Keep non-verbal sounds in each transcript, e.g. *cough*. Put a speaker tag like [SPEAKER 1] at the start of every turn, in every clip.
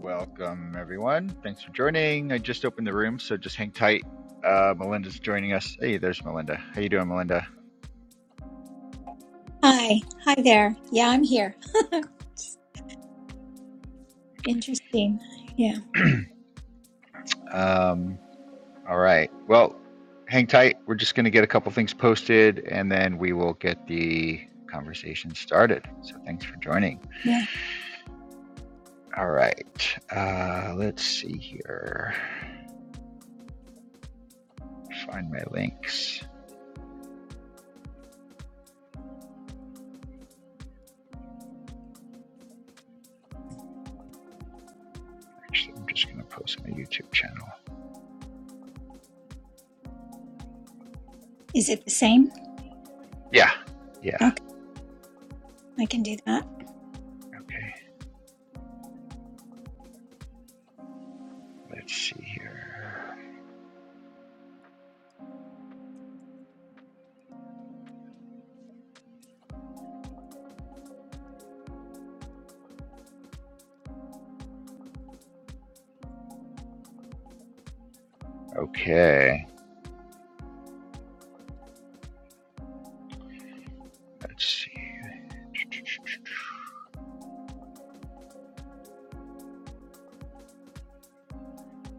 [SPEAKER 1] Welcome, everyone. Thanks for joining. I just opened the room, so just hang tight. Uh, Melinda's joining us. Hey, there's Melinda. How you doing, Melinda?
[SPEAKER 2] Hi, hi there. Yeah, I'm here. *laughs* Interesting. Yeah,
[SPEAKER 1] Um, all right. Well, hang tight. We're just going to get a couple things posted, and then we will get the conversation started. So thanks for joining.
[SPEAKER 2] yeah.
[SPEAKER 1] All right. Uh, let's see here. Find my links. Actually, I'm just going to post my YouTube channel.
[SPEAKER 2] Is it the same?
[SPEAKER 1] Yeah. Yeah.
[SPEAKER 2] Okay, I can do that.
[SPEAKER 1] Okay. Let's see here. Okay. Let's see.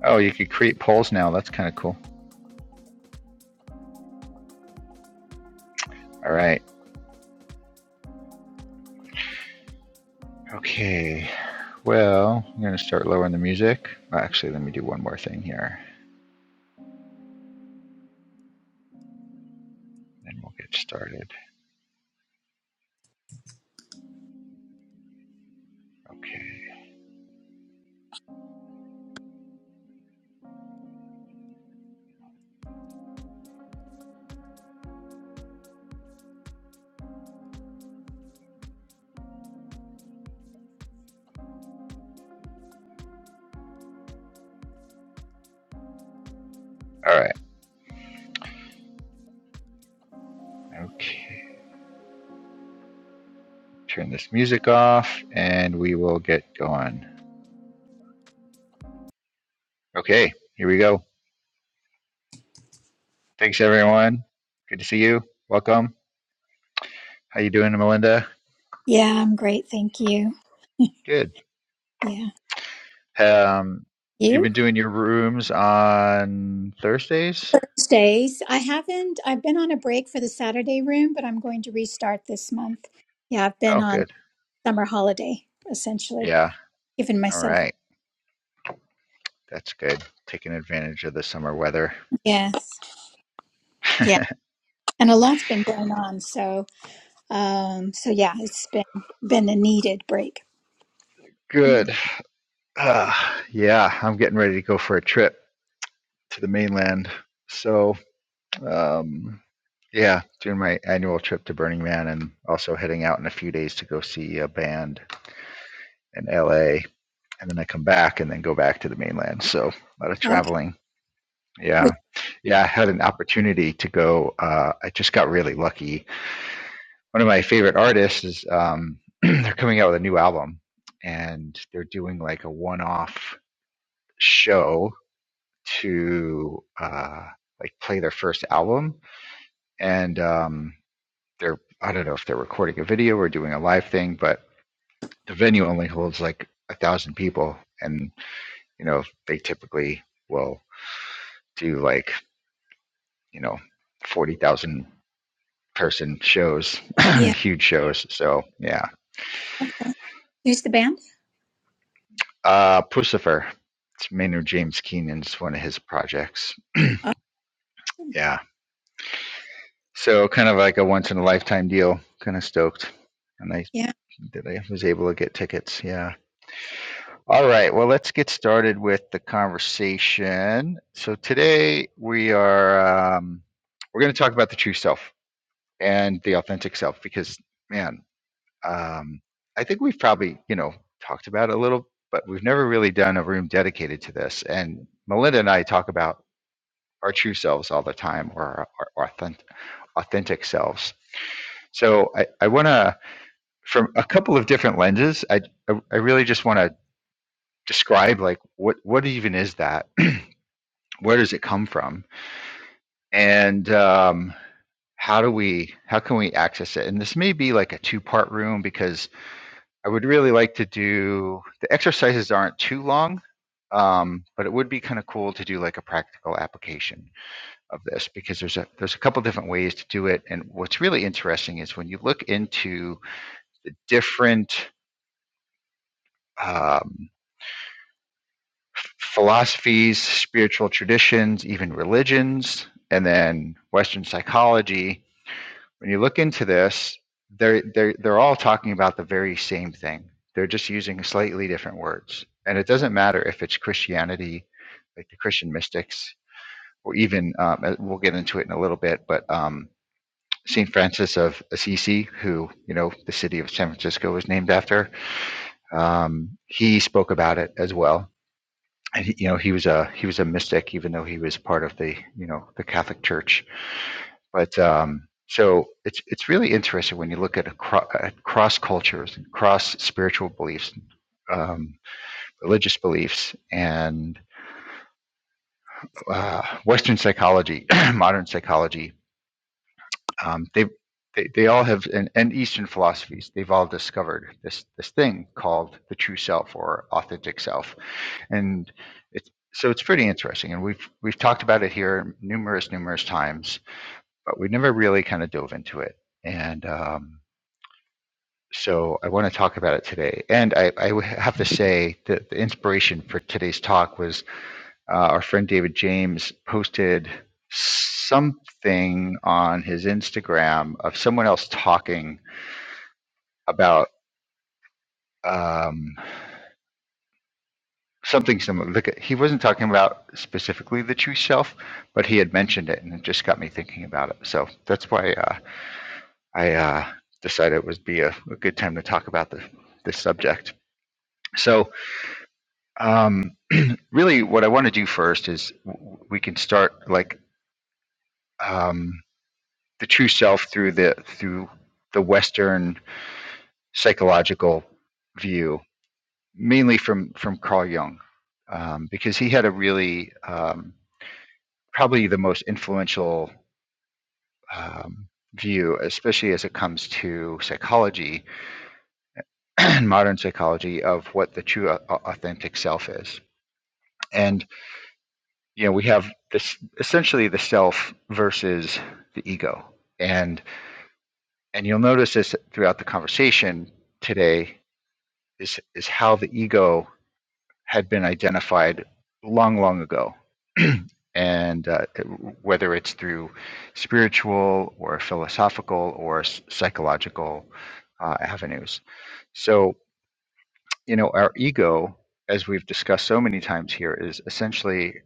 [SPEAKER 1] Oh, you could create polls now. That's kind of cool. All right. Okay. Well, I'm going to start lowering the music. Well, actually, let me do one more thing here, and we'll get started. Okay. All right. Okay. Turn this music off, and we will get going. Okay. Here we go. Thanks, everyone. Good to see you. Welcome. How you doing, Melinda?
[SPEAKER 2] Yeah, I'm great. Thank you.
[SPEAKER 1] Good.
[SPEAKER 2] Yeah.
[SPEAKER 1] Um, you've
[SPEAKER 2] You?
[SPEAKER 1] been doing your rooms on Thursdays?
[SPEAKER 2] Thursdays. I haven't, I've been on a break for the Saturday room, but I'm going to restart this month. Yeah, I've been
[SPEAKER 1] Oh,
[SPEAKER 2] on
[SPEAKER 1] good.
[SPEAKER 2] summer holiday, essentially,
[SPEAKER 1] Yeah.
[SPEAKER 2] giving
[SPEAKER 1] All
[SPEAKER 2] myself
[SPEAKER 1] right.
[SPEAKER 2] up.
[SPEAKER 1] That's good. Taking advantage of the summer weather.
[SPEAKER 2] Yes.
[SPEAKER 1] *laughs*
[SPEAKER 2] Yeah. And a lot's been going on. So, um, so yeah, it's been, been a needed break. Mm.
[SPEAKER 1] Good. Uh, yeah, I'm getting ready to go for a trip to the mainland. So, um, yeah, doing my annual trip to Burning Man and also heading out in a few days to go see a band in LA. And then I come back and then go back to the mainland. So, a lot of
[SPEAKER 2] Okay.
[SPEAKER 1] traveling.
[SPEAKER 2] Which,
[SPEAKER 1] Yeah. Yeah, I had an opportunity to go. Uh, I just got really lucky one of my favorite artists is um, *clears throat* they're coming out with a new album and they're doing like a one-off show to uh, like play their first album and um, they're i don't know if they're recording a video or doing a live thing but the venue only holds like a thousand people and you know they typically will do like you know 40,000 person shows *clears throat*
[SPEAKER 2] yeah.
[SPEAKER 1] *laughs* huge shows so yeah
[SPEAKER 2] Who's the band?
[SPEAKER 1] Uh, Pucifer. It's Maynard James Keenan's one of his projects.
[SPEAKER 2] Awesome.
[SPEAKER 1] Yeah. So kind of like a once in a lifetime deal. Kind of stoked. And I
[SPEAKER 2] Yeah.
[SPEAKER 1] that I was able to get tickets. Yeah. All right. Well, let's get started with the conversation. So today we are um, we're going to talk about the true self and the authentic self because man, um, I think we've probably you know talked about it a little, but we've never really done a room dedicated to this. And Melinda and I talk about our true selves all the time or our, our authentic, authentic selves. So I, I want to, from a couple of different lenses, I, I, I really just want to describe like what, what even is that? *clears throat* Where does it come from? And um, how do we, how can we access it? And this may be like a two part room because I would really like to do, the exercises aren't too long. Um, but it would be kind of cool to do like a practical application of this because there's a there's a couple different ways to do it and what's really interesting is when you look into different um, philosophies spiritual traditions even religions and then western psychology when you look into this they're they're, they're all talking about the very same thing they're just using slightly different words and it doesn't matter if it's christianity like the christian mystics or even um, uh, we'll get into it in a little bit but um, St. Francis of Assisi, who, you know, the city of San Francisco was named after, um, he spoke about it as well. And he, you know, he was a he was a mystic, even though he was part of the you know the Catholic Church. But um, so it's it's really interesting when you look at, acro- at cross cultures and cross spiritual beliefs, um, religious beliefs, and uh, Western psychology, *clears throat* modern psychology, um, they they they all have and, and Eastern philosophies they've all discovered this this thing called the true self or authentic self, and it's so it's pretty interesting. And we've we've talked about it here numerous numerous times, but we never really kind of dove into it. And um, so I want to talk about it today. And I, I have to say that the inspiration for today's talk was uh, our friend David James posted something on his Instagram of someone else talking about um, something similar. Look at, he wasn't talking about specifically the true self, but he had mentioned it, and it just got me thinking about it. So that's why uh, I uh, decided it would be a, a good time to talk about the, this subject. So um, really, what I want to do first is w- we can start like um, the true self through the through the Western psychological view, mainly from from Carl Jung, um, because he had a really um, probably the most influential um, view, especially as it comes to psychology and *clears throat* modern psychology of what the true au- authentic self is. And you know, we have this essentially the self versus the ego, and and you'll notice this throughout the conversation today is is how the ego had been identified long, long ago. *clears throat* and uh, whether it's through spiritual or philosophical or psychological uh, avenues. So, you know, our ego, as we've discussed so many times here, is essentially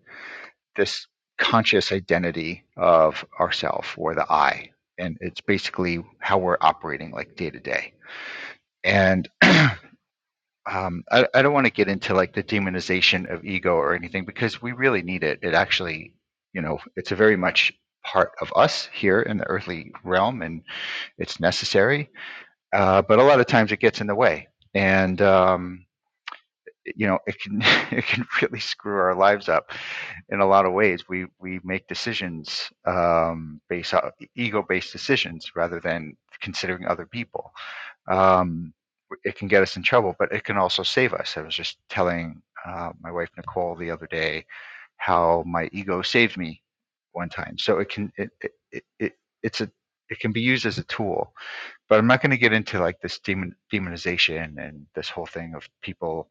[SPEAKER 1] this conscious identity of ourself or the I. And it's basically how we're operating like day to day. And *clears throat* um, I, I don't want to get into like the demonization of ego or anything because we really need it. It actually, you know, it's a very much part of us here in the earthly realm and it's necessary. Uh, but a lot of times it gets in the way and, um, you know, it can *laughs* it can really screw our lives up in a lot of ways. We we make decisions um, based on ego based decisions rather than considering other people um, it can get us in trouble, but it can also save us. I was just telling uh, my wife Nicole the other day how my ego saved me one time. So it can it it, it, it it's a it can be used as a tool, but I'm not going to get into like this demon, demonization and this whole thing of people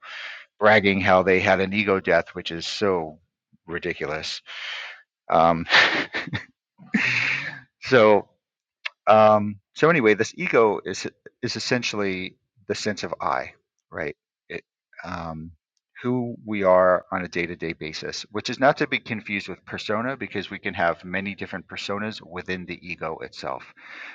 [SPEAKER 1] bragging how they had an ego death, which is so ridiculous. Um, *laughs* so Um, so anyway, this ego is is essentially the sense of I, right? It, um, who we are on a day to day basis, which is not to be confused with persona, because we can have many different personas within the ego itself.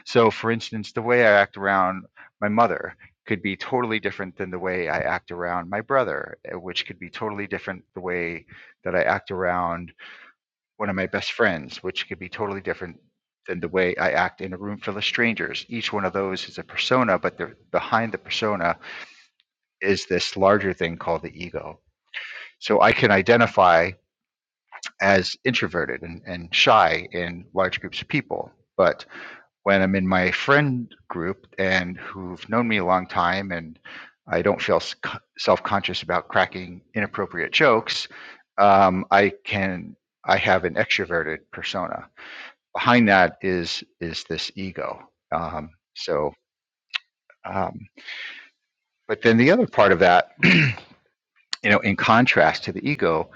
[SPEAKER 1] So, for instance, the way I act around my mother could be totally different than the way I act around my brother, eh, which could be totally different the way that I act around one of my best friends, which could be totally different than the way I act in a room full of strangers. Each one of those is a persona, but the, behind the persona is this larger thing called the ego. So I can identify as introverted and, and shy in large groups of people. But when I'm in my friend group and who've known me a long time and I don't feel self conscious about cracking inappropriate jokes, um, I can I have an extroverted persona behind that is is this ego. Um, so, um, but then the other part of that, *clears throat* you know, in contrast to the ego,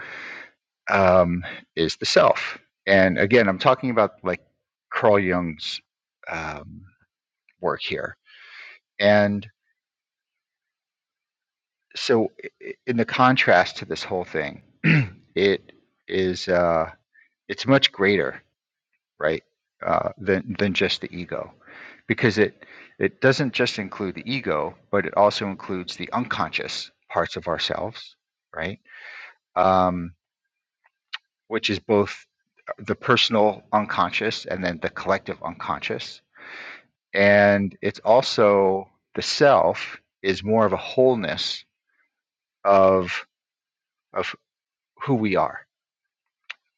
[SPEAKER 1] um, is the self. And again, I'm talking about like Carl Jung's um, work here. And so, in the contrast to this whole thing, *clears throat* it is uh, it's much greater right? Uh, than than just the ego, because it it doesn't just include the ego, but it also includes the unconscious parts of ourselves, right? Um, which is both the personal unconscious and then the collective unconscious, and it's also the self is more of a wholeness of of who we are,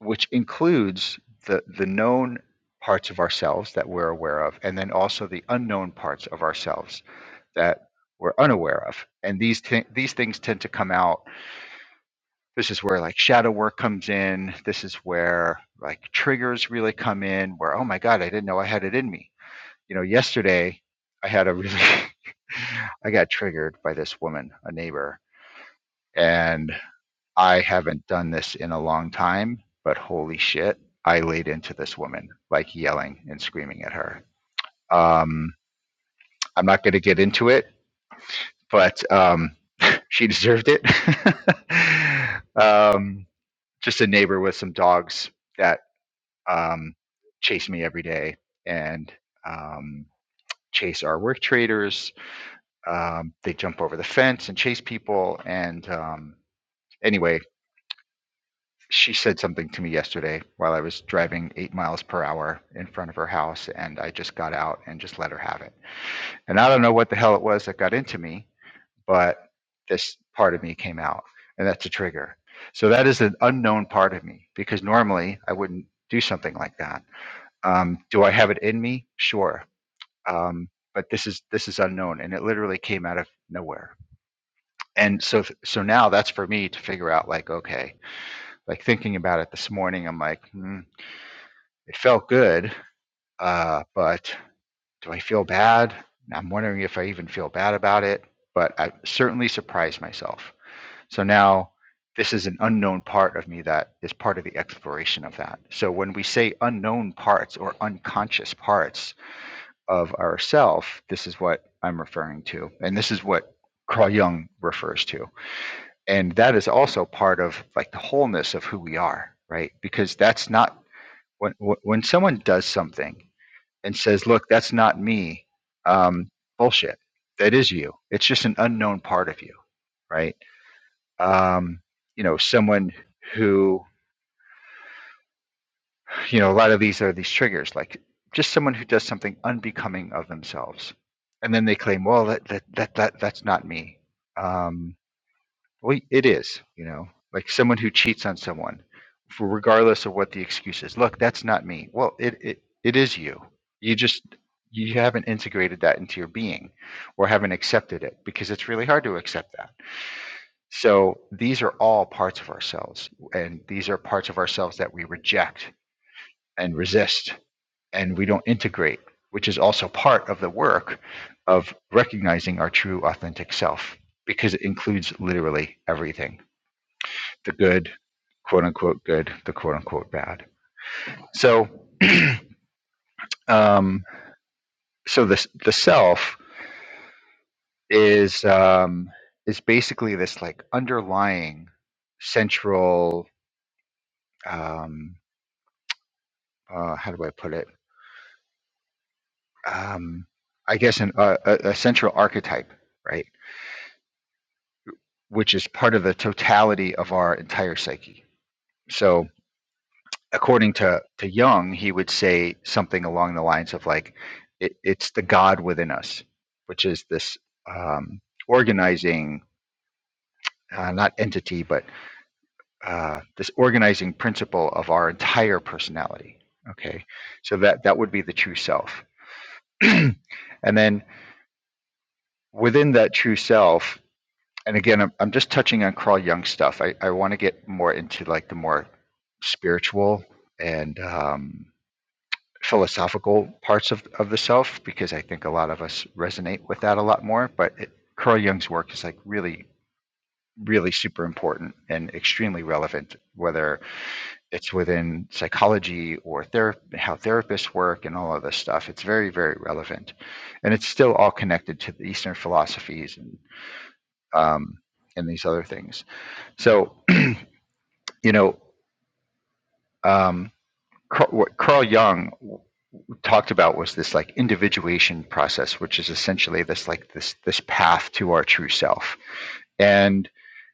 [SPEAKER 1] which includes the the known parts of ourselves that we're aware of, and then also the unknown parts of ourselves that we're unaware of. And these t- these things tend to come out. This is where like shadow work comes in. This is where like triggers really come in. Where oh my god, I didn't know I had it in me. You know, yesterday I had a really *laughs* I got triggered by this woman, a neighbor, and I haven't done this in a long time. But holy shit, I laid into this woman, like yelling and screaming at her. Um, I'm not going to get into it, but um, she deserved it. *laughs* um, just a neighbor with some dogs that um, chase me every day and um, chase our work traders. Um, they jump over the fence and chase people. And um, anyway, she said something to me yesterday while I was driving eight miles per hour in front of her house, and I just got out and just let her have it. And I don't know what the hell it was that got into me, but this part of me came out, and that's a trigger. So that is an unknown part of me because normally I wouldn't do something like that. Um, do I have it in me? Sure, um, but this is this is unknown, and it literally came out of nowhere. And so so now that's for me to figure out. Like okay, like thinking about it this morning, I'm like, hmm, it felt good, uh, but do I feel bad? I'm wondering if I even feel bad about it, but I certainly surprised myself So now this is an unknown part of me that is part of the exploration of that. So when we say unknown parts or unconscious parts of ourself, this is what I'm referring to. And this is what Carl Jung refers to. And that is also part of like the wholeness of who we are, right? Because that's not when when someone does something and says, "Look, that's not me." Um bullshit. That is you. It's just an unknown part of you, right? um, you know, someone who, you know, a lot of these are these triggers, like just someone who does something unbecoming of themselves, and then they claim, well, that that that, that that's not me. Um, well, it is, you know, like someone who cheats on someone, for regardless of what the excuse is. Look, that's not me. Well, it it, it is you. You just you haven't integrated that into your being or haven't accepted it because it's really hard to accept that So these are all parts of ourselves, and these are parts of ourselves that we reject and resist, and we don't integrate, which is also part of the work of recognizing our true authentic self, because it includes literally everything the good, quote unquote good, the quote unquote bad. So, um, so this the self is um, is basically this like underlying central um, uh, how do I put it? um, I guess, an, uh, a, a central archetype, right? Which is part of the totality of our entire psyche. So, according to, to Jung, he would say something along the lines of like, it, it's the God within us, which is this um, organizing, uh, not entity, but uh, this organizing principle of our entire personality. Okay. So, that, that would be the true self. *clears throat* and then within that true self, and again, I'm, I'm just touching on Carl Jung stuff. I, I want to get more into like the more spiritual and um, philosophical parts of, of the self because I think a lot of us resonate with that a lot more. But it, Carl Jung's work is like really, really super important and extremely relevant, whether it's within psychology or ther- how therapists work and all of this stuff. It's very, very relevant. And it's still all connected to the Eastern philosophies and, um, and these other things. So you know um, what Carl Jung talked about was this like individuation process, which is essentially this like this this path to our true self, and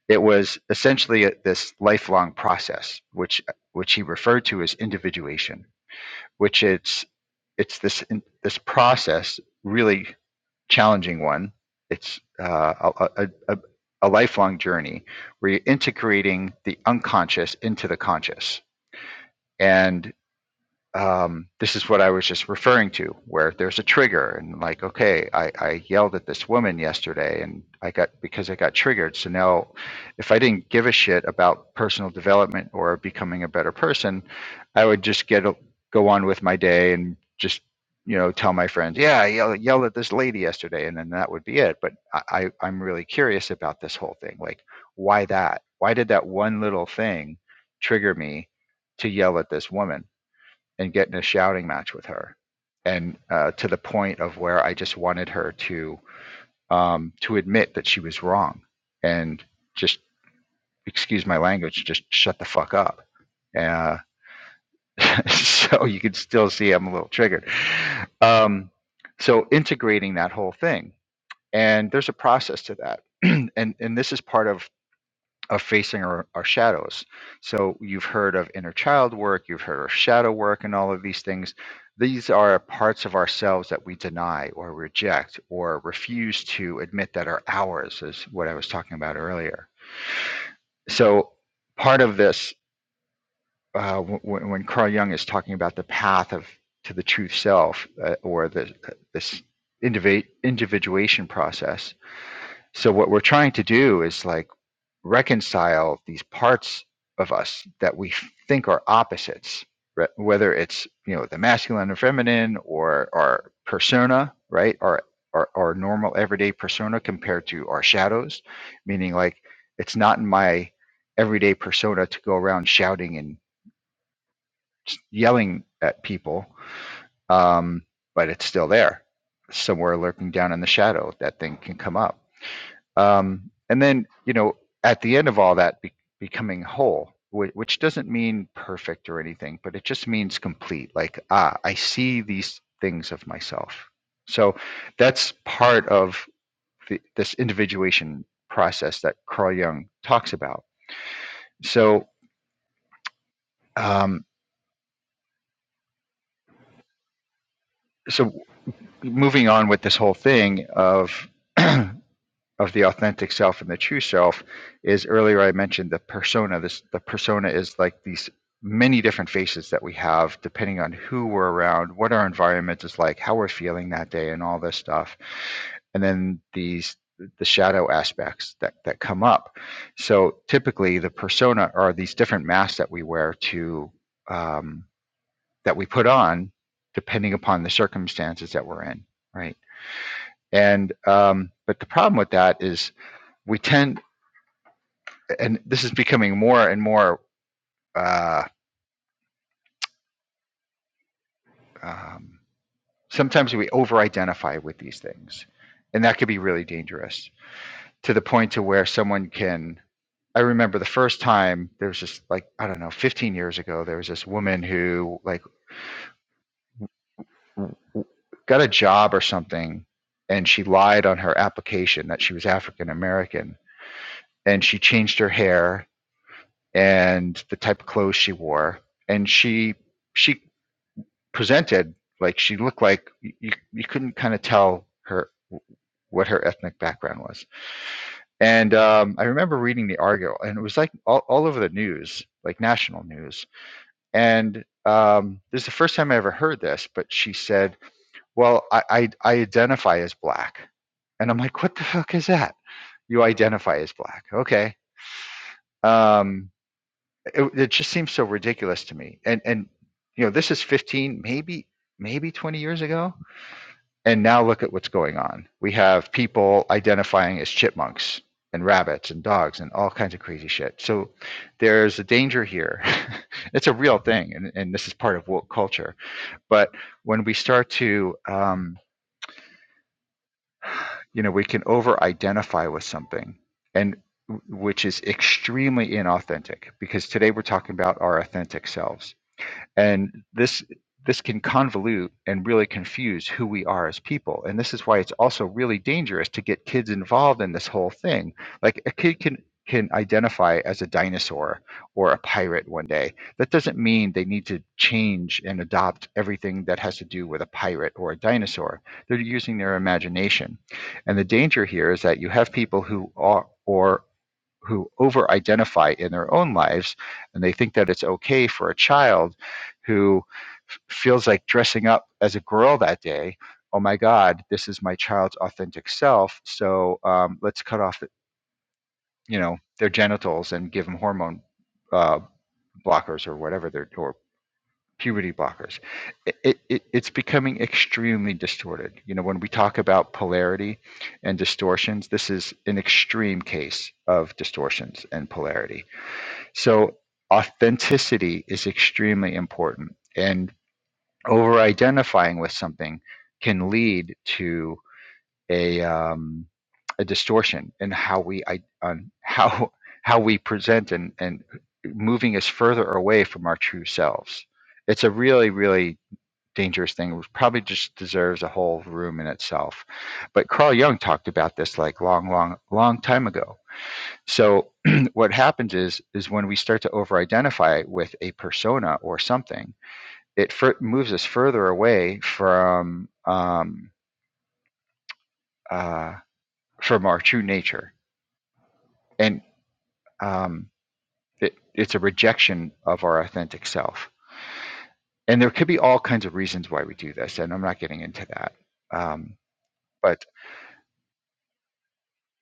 [SPEAKER 1] it was essentially a, this lifelong process, which which he referred to as individuation, which it's it's this in, this process really challenging one. It's uh, a, a a lifelong journey where you're integrating the unconscious into the conscious, and um, this is what I was just referring to, where there's a trigger and like, okay, I, I yelled at this woman yesterday and I got because I got triggered. So now if I didn't give a shit about personal development or becoming a better person, I would just get a- go on with my day and just, you know, tell my friends, yeah, I yelled, yelled at this lady yesterday and then that would be it. But I, I, I'm really curious about this whole thing. Like, why that? Why did that one little thing trigger me to yell at this woman? and get in a shouting match with her, and uh, to the point of where I just wanted her to um, to admit that she was wrong and just excuse my language, just shut the fuck up. Uh, *laughs* so you can still see I'm a little triggered. Um, so integrating that whole thing, and there's a process to that, *clears throat* and and this is part of of facing our, our shadows. So you've heard of inner child work, you've heard of shadow work, and all of these things. These are parts of ourselves that we deny or reject or refuse to admit that are ours, is what I was talking about earlier. So part of this, uh, w- w- when Carl Jung is talking about the path of to the true self uh, or the, uh, this individ- individuation process, so what we're trying to do is like reconcile these parts of us that we think are opposites re- whether it's you know the masculine and feminine or our persona right our, our our normal everyday persona compared to our shadows meaning like it's not in my everyday persona to go around shouting and s- yelling at people um but it's still there somewhere lurking down in the shadow that thing can come up um, and then you know at the end of all that be- becoming whole whi- which doesn't mean perfect or anything but it just means complete like ah i see these things of myself so that's part of the, this individuation process that carl jung talks about so um, so moving on with this whole thing of *clears throat* of the authentic self and the true self is earlier I mentioned the persona. This the persona is like these many different faces that we have depending on who we're around, what our environment is like, how we're feeling that day and all this stuff. And then these the shadow aspects that, that come up. So typically the persona are these different masks that we wear to um, that we put on depending upon the circumstances that we're in. Right. And um, but the problem with that is we tend, and this is becoming more and more. Uh, um, sometimes we over-identify with these things, and that could be really dangerous to the point to where someone can. I remember the first time there was just like I don't know, 15 years ago, there was this woman who like got a job or something, and she lied on her application that she was African American, and she changed her hair and the type of clothes she wore, and she she presented, like she looked like you, you couldn't kind of tell her what her ethnic background was. And um, I remember reading the article, and it was like all, all over the news, like national news. And um, this is the first time I ever heard this, but she said, "Well, I, I, I identify as black," and I'm like, "What the fuck is that? You identify as black? Okay." Um, it, it just seems so ridiculous to me. And and you know, this is 15, maybe maybe 20 years ago And now look at what's going on. We have people identifying as chipmunks and rabbits and dogs and all kinds of crazy shit. So there's a danger here. *laughs* it's a real thing, and, and this is part of woke culture. But when we start to, um, you know, we can over identify with something, and which is extremely inauthentic because today we're talking about our authentic selves and this this can convolute and really confuse who we are as people and this is why it's also really dangerous to get kids involved in this whole thing like a kid can can identify as a dinosaur or a pirate one day that doesn't mean they need to change and adopt everything that has to do with a pirate or a dinosaur they're using their imagination and the danger here is that you have people who are or who over identify in their own lives and they think that it's okay for a child who feels like dressing up as a girl that day oh my god this is my child's authentic self so um, let's cut off the, you know their genitals and give them hormone uh, blockers or whatever they're or puberty blockers it, it, it's becoming extremely distorted you know when we talk about polarity and distortions this is an extreme case of distortions and polarity so authenticity is extremely important. And over identifying with something can lead to a, um, a distortion in how we i- on how how we present and, and moving us further away from our true selves. It's a really, really dangerous thing. It probably just deserves a whole room in itself. But Carl Jung talked about this like long, long, long time ago so *clears throat* what happens is is when we start to over-identify with a persona or something, it fur- moves us further away from um, uh, from our true nature, and um, it, it's a rejection of our authentic self. And there could be all kinds of reasons why we do this, and I'm not getting into that. Um, but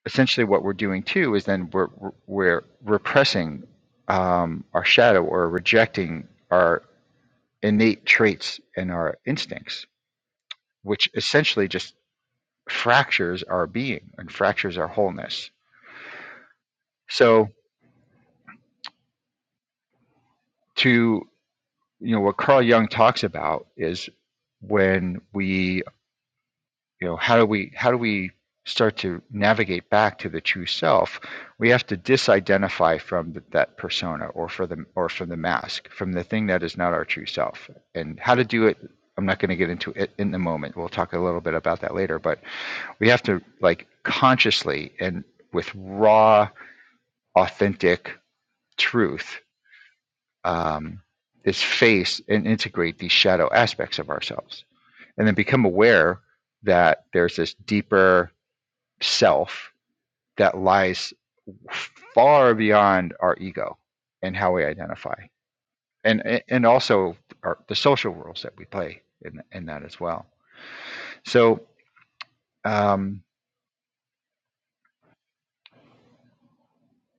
[SPEAKER 1] essentially, what we're doing too is then we're we're repressing um, our shadow or rejecting our. innate traits and our instincts, which essentially just fractures our being and fractures our wholeness. So, to you know, what Carl Jung talks about is when we, you know, how do we how do we start to navigate back to the true self? We have to disidentify from th- that persona or for the or from the mask, from the thing that is not our true self. And how to do it, I'm not going to get into it in the moment. We'll talk a little bit about that later, but we have to like consciously and with raw authentic truth um, is face and integrate these shadow aspects of ourselves and then become aware that there's this deeper self that lies far beyond our ego and how we identify and and also our, the social roles that we play in, in that as well so um,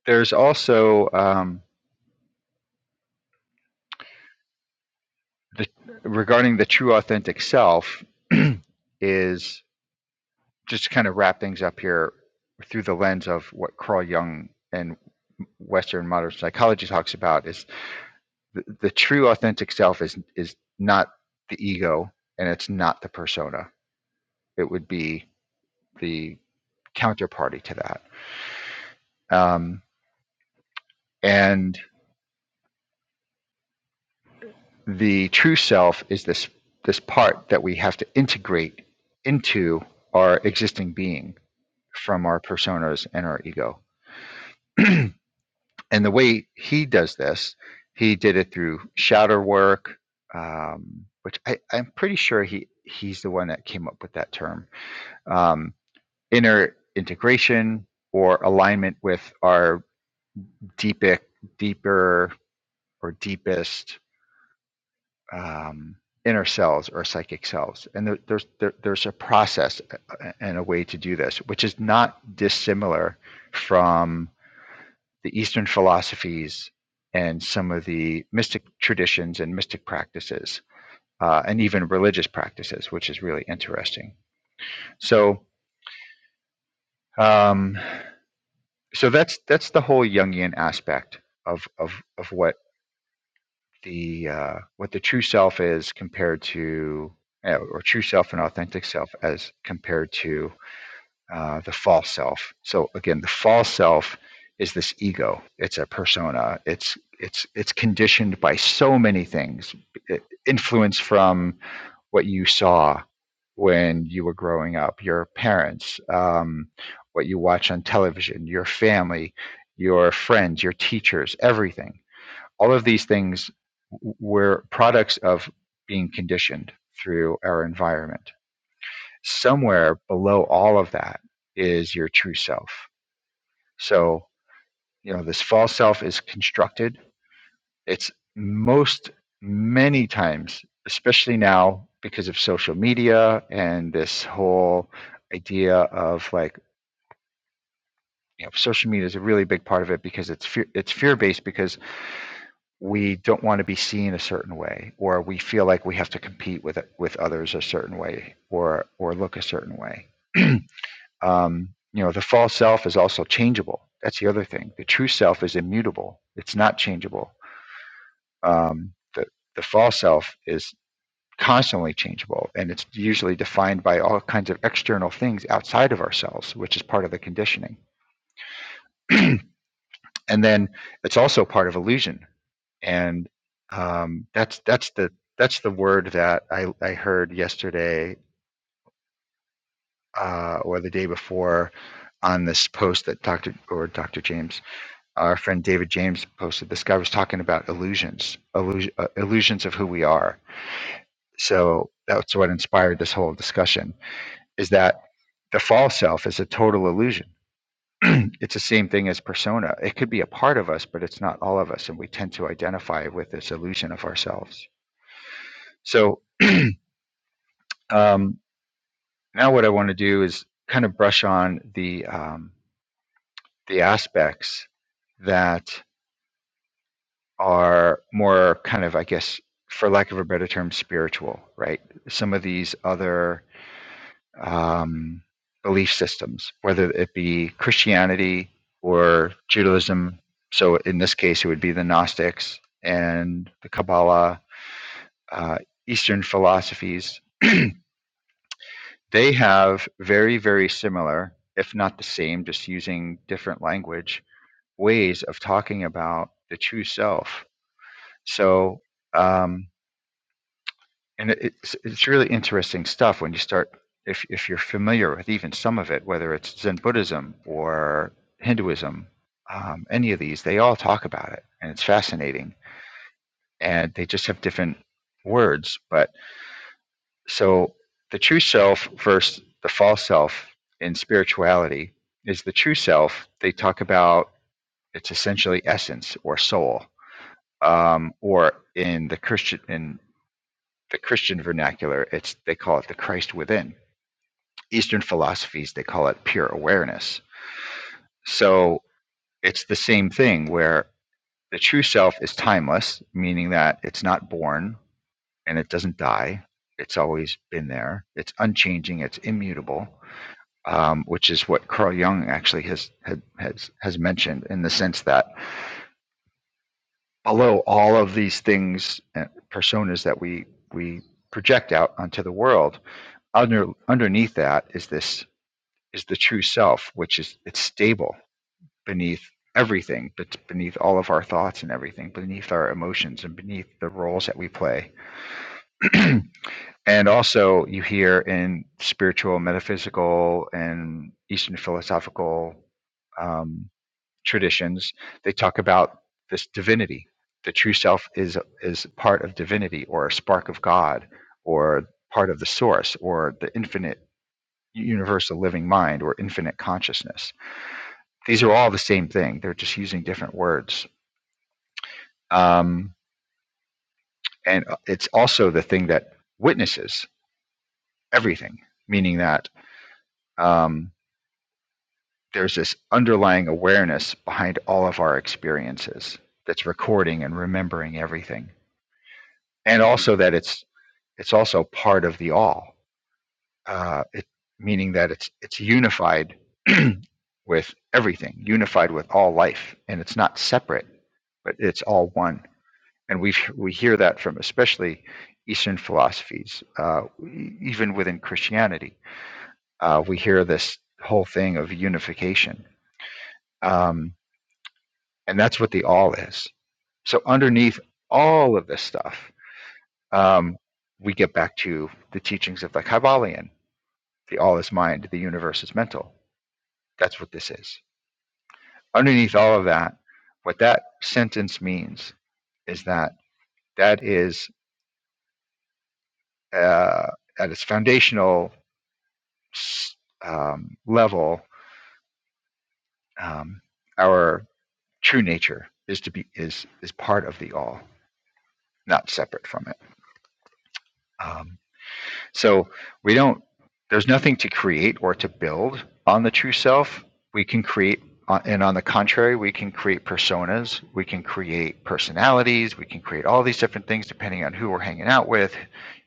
[SPEAKER 1] there's also um, the regarding the true authentic self *clears throat* is just to kind of wrap things up here through the lens of what Carl Jung and Western modern psychology talks about is the, the true authentic self is is not the ego and it's not the persona. It would be the counterparty to that. Um, and the true self is this this part that we have to integrate into our existing being from our personas and our ego. *clears throat* and the way he does this, he did it through shadow work, um, which I, I'm pretty sure he he's the one that came up with that term. Um, inner integration or alignment with our deeper, deeper or deepest um, inner selves or psychic selves. And there, there's there, there's a process uh, and a way to do this, which is not dissimilar from the Eastern philosophies and some of the mystic traditions and mystic practices, uh, and even religious practices, which is really interesting. So, um, so that's that's the whole Jungian aspect of of of what the uh, what the true self is compared to, uh, or true self and authentic self as compared to uh, the false self. So again, the false self is this ego. It's a persona. It's it's it's conditioned by so many things, influence from what you saw when you were growing up, your parents, um, what you watch on television, your family, your friends, your teachers, everything. All of these things were products of being conditioned through our environment somewhere below all of that is your true self. So, you know, this false self is constructed. It's most many times, especially now because of social media and this whole idea of like, you know, social media is a really big part of it because it's fear, it's fear based because we don't want to be seen a certain way or we feel like we have to compete with with others a certain way or or look a certain way. *clears throat* Um, you know, the false self is also changeable. That's the other thing. The true self is immutable. It's not changeable. Um, the the false self is constantly changeable, and it's usually defined by all kinds of external things outside of ourselves, which is part of the conditioning. *clears throat* and then it's also part of illusion, and um, that's that's the that's the word that I, I heard yesterday uh, or the day before on this post that Dr. or Dr. James Our friend David James posted this guy was talking about illusions, illusion, uh, illusions of who we are. So that's what inspired this whole discussion is that the false self is a total illusion. *clears throat* it's the same thing as persona. It could be a part of us, but it's not all of us. And we tend to identify with this illusion of ourselves. So um, now what I want to do is kind of brush on the, um, the aspects that are more kind of, I guess, for lack of a better term, spiritual, right? Some of these other um, belief systems, whether it be Christianity or Judaism. So in this case, it would be the Gnostics and the Kabbalah, uh, Eastern philosophies. *clears throat* they have very, very similar, if not the same, just using different language, ways of talking about the true self. So, um, and it, it's it's really interesting stuff when you start if if you're familiar with even some of it, whether it's Zen Buddhism or Hinduism, um, any of these, they all talk about it, and it's fascinating. And they just have different words, but so the true self versus the false self in spirituality is the true self. They talk about it's essentially essence or soul, um, or in the Christian in the Christian vernacular, it's they call it the Christ within Eastern philosophies, they call it pure awareness. So it's the same thing where the true self is timeless, meaning that it's not born and it doesn't die. It's always been there. It's unchanging. It's immutable, um, which is what Carl Jung actually has, has has mentioned in the sense that below all of these things and personas that we we project out onto the world, under underneath that is this is the true self, which is it's stable beneath everything, but beneath all of our thoughts and everything, beneath our emotions and beneath the roles that we play. *clears throat* and also, you hear in spiritual, metaphysical, and Eastern philosophical um, traditions, they talk about this divinity. The true self is is part of divinity, or a spark of God, or part of the source, or the infinite universal living mind, or infinite consciousness. These are all the same thing. They're just using different words Um, and uh, it's also the thing that witnesses everything, meaning that um, there's this underlying awareness behind all of our experiences that's recording and remembering everything, and also that it's it's also part of the all, uh, it, meaning that it's it's unified *clears throat* with everything, unified with all life, and it's not separate, but it's all one. and we we hear that from especially Eastern philosophies, uh, e- even within Christianity, uh, we hear this whole thing of unification, um, and that's what the all is. So underneath all of this stuff, um, we get back to the teachings of the Kabbalion: the all is mind, the universe is mental. That's what this is. Underneath all of that, what that sentence means is that that is uh, at its foundational um, level, um, our true nature is to be is is part of the all, not separate from it. Um, So we don't, there's nothing to create or to build on the true self. We can create, uh, and on the contrary, we can create personas, we can create personalities, we can create all these different things depending on who we're hanging out with,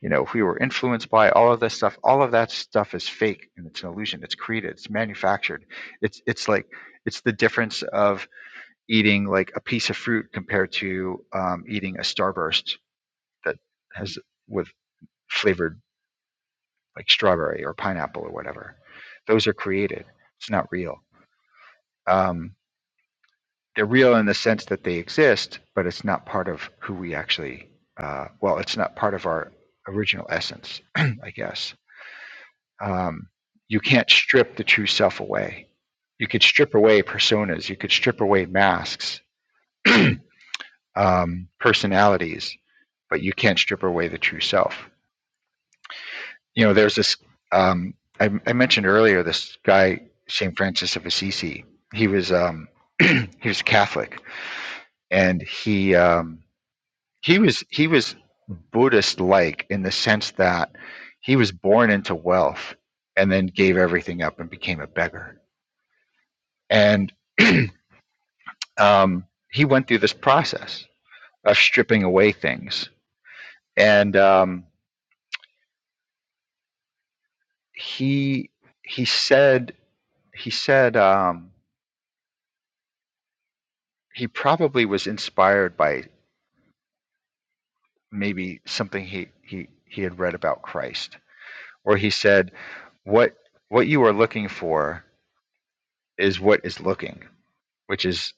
[SPEAKER 1] you know, who we're influenced by, all of this stuff. All of that stuff is fake and it's an illusion. It's created, it's manufactured. It's, it's like, it's the difference of eating like a piece of fruit compared to um, eating a starburst that has with flavored like strawberry or pineapple or whatever. Those are created. It's not real. Um, they're real in the sense that they exist, but it's not part of who we actually. Uh, well, it's not part of our original essence, *clears throat* I guess. Um, you can't strip the true self away. You could strip away personas. You could strip away masks, *clears throat* um, personalities, but you can't strip away the true self you know, there's this. Um, I, I mentioned earlier this guy Saint Francis of Assisi. He was um, *clears throat* he was Catholic, and he um, he was he was Buddhist like in the sense that he was born into wealth and then gave everything up and became a beggar. And *clears throat* um, he went through this process of stripping away things, and um, he he said he said um, he probably was inspired by maybe something he, he, he had read about Christ, or he said, what, what you are looking for is what is looking, which is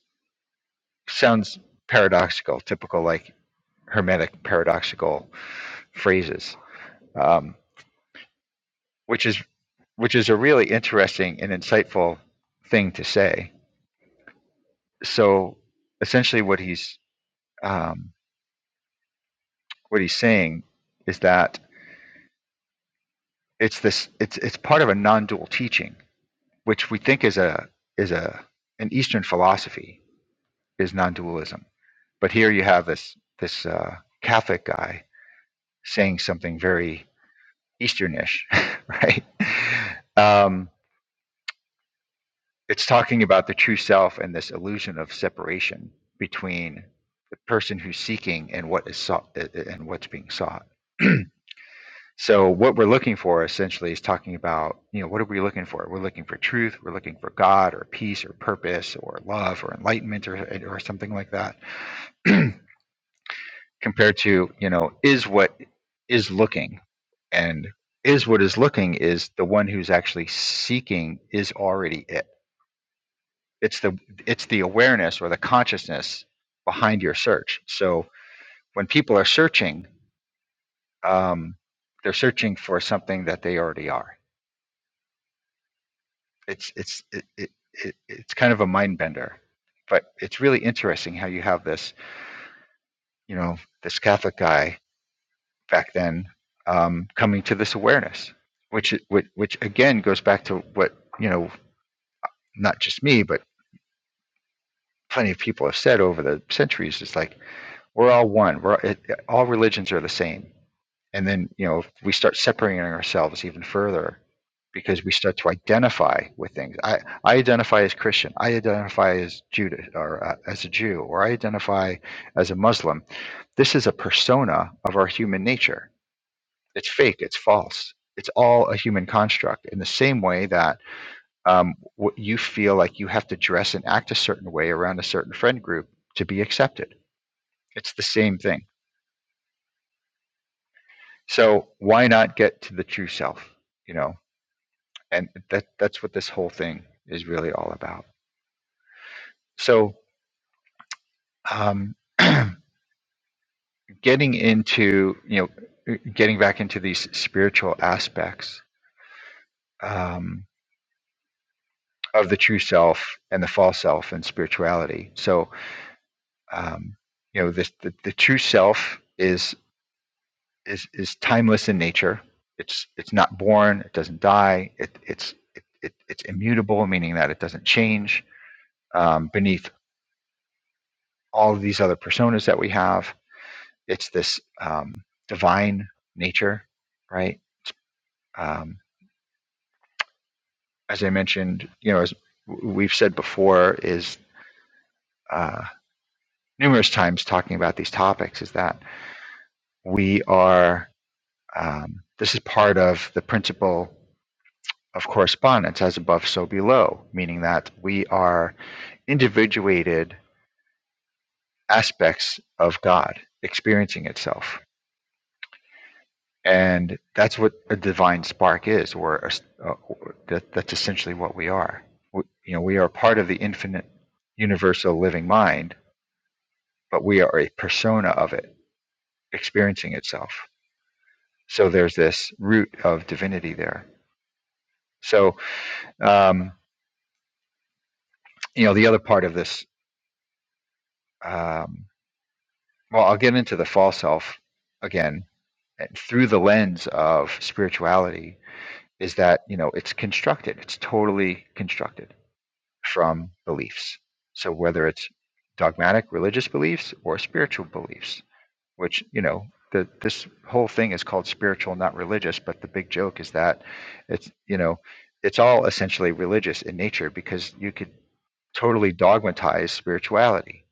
[SPEAKER 1] sounds paradoxical, typical like hermetic paradoxical phrases, um, which is which is a really interesting and insightful thing to say. So essentially, what he's um, what he's saying is that it's this it's it's part of a non-dual teaching which we think is a is a an Eastern philosophy is non-dualism, but here you have this this uh, Catholic guy saying something very Easternish, *laughs* right? Um, it's talking about the true self and this illusion of separation between the person who's seeking and what is sought and what's being sought. *clears throat* So what we're looking for essentially is talking about, you know, what are we looking for? We're looking for truth. We're looking for God or peace or purpose or love or enlightenment or or something like that. *clears throat* Compared to, you know, is what is looking, and is what is looking is the one who's actually seeking is already it. It's the it's the awareness or the consciousness behind your search. So when people are searching, um, they're searching for something that they already are It's it's it, it, it it's kind of a mind bender, but it's really interesting how you have this you know this Catholic guy back then um, coming to this awareness, which which which again goes back to what you know not just me but plenty of people have said over the centuries. It's like we're all one. We're it, all religions are the same And then, you know, if we start separating ourselves even further because we start to identify with things. I, I identify as Christian. I identify as Judah or uh, as a Jew, or I identify as a Muslim. This is a persona of our human nature. It's fake. It's false. It's all a human construct. In the same way that um, what you feel like you have to dress and act a certain way around a certain friend group to be accepted. It's the same thing. So why not get to the true self? You know, and that that's what this whole thing is really all about. So, um, *clears throat* getting into you know, getting back into these spiritual aspects um, of the true self and the false self and spirituality. So, um, you know, this the, the true self is is is timeless in nature. It's it's not born. It doesn't die. It it's it, it, it's immutable, meaning that it doesn't change um, beneath all of these other personas that we have It's this um, divine nature, right? Um, as I mentioned, you know, as we've said before, is uh, numerous times talking about these topics, is that we are. Um, this is part of the principle of correspondence, as above, so below, meaning that we are individuated aspects of God experiencing itself and that's what a divine spark is or a s uh, that, that's essentially what we are we, you know we are part of the infinite universal living mind but we are a persona of it experiencing itself so there's this root of divinity there so um, you know the other part of this um, well i'll get into the false self again eh, through the lens of spirituality is that you know it's constructed it's totally constructed from beliefs. So whether it's dogmatic religious beliefs or spiritual beliefs, which you know the, this whole thing is called spiritual, not religious. But the big joke is that it's you know it's all essentially religious in nature because you could totally dogmatize spirituality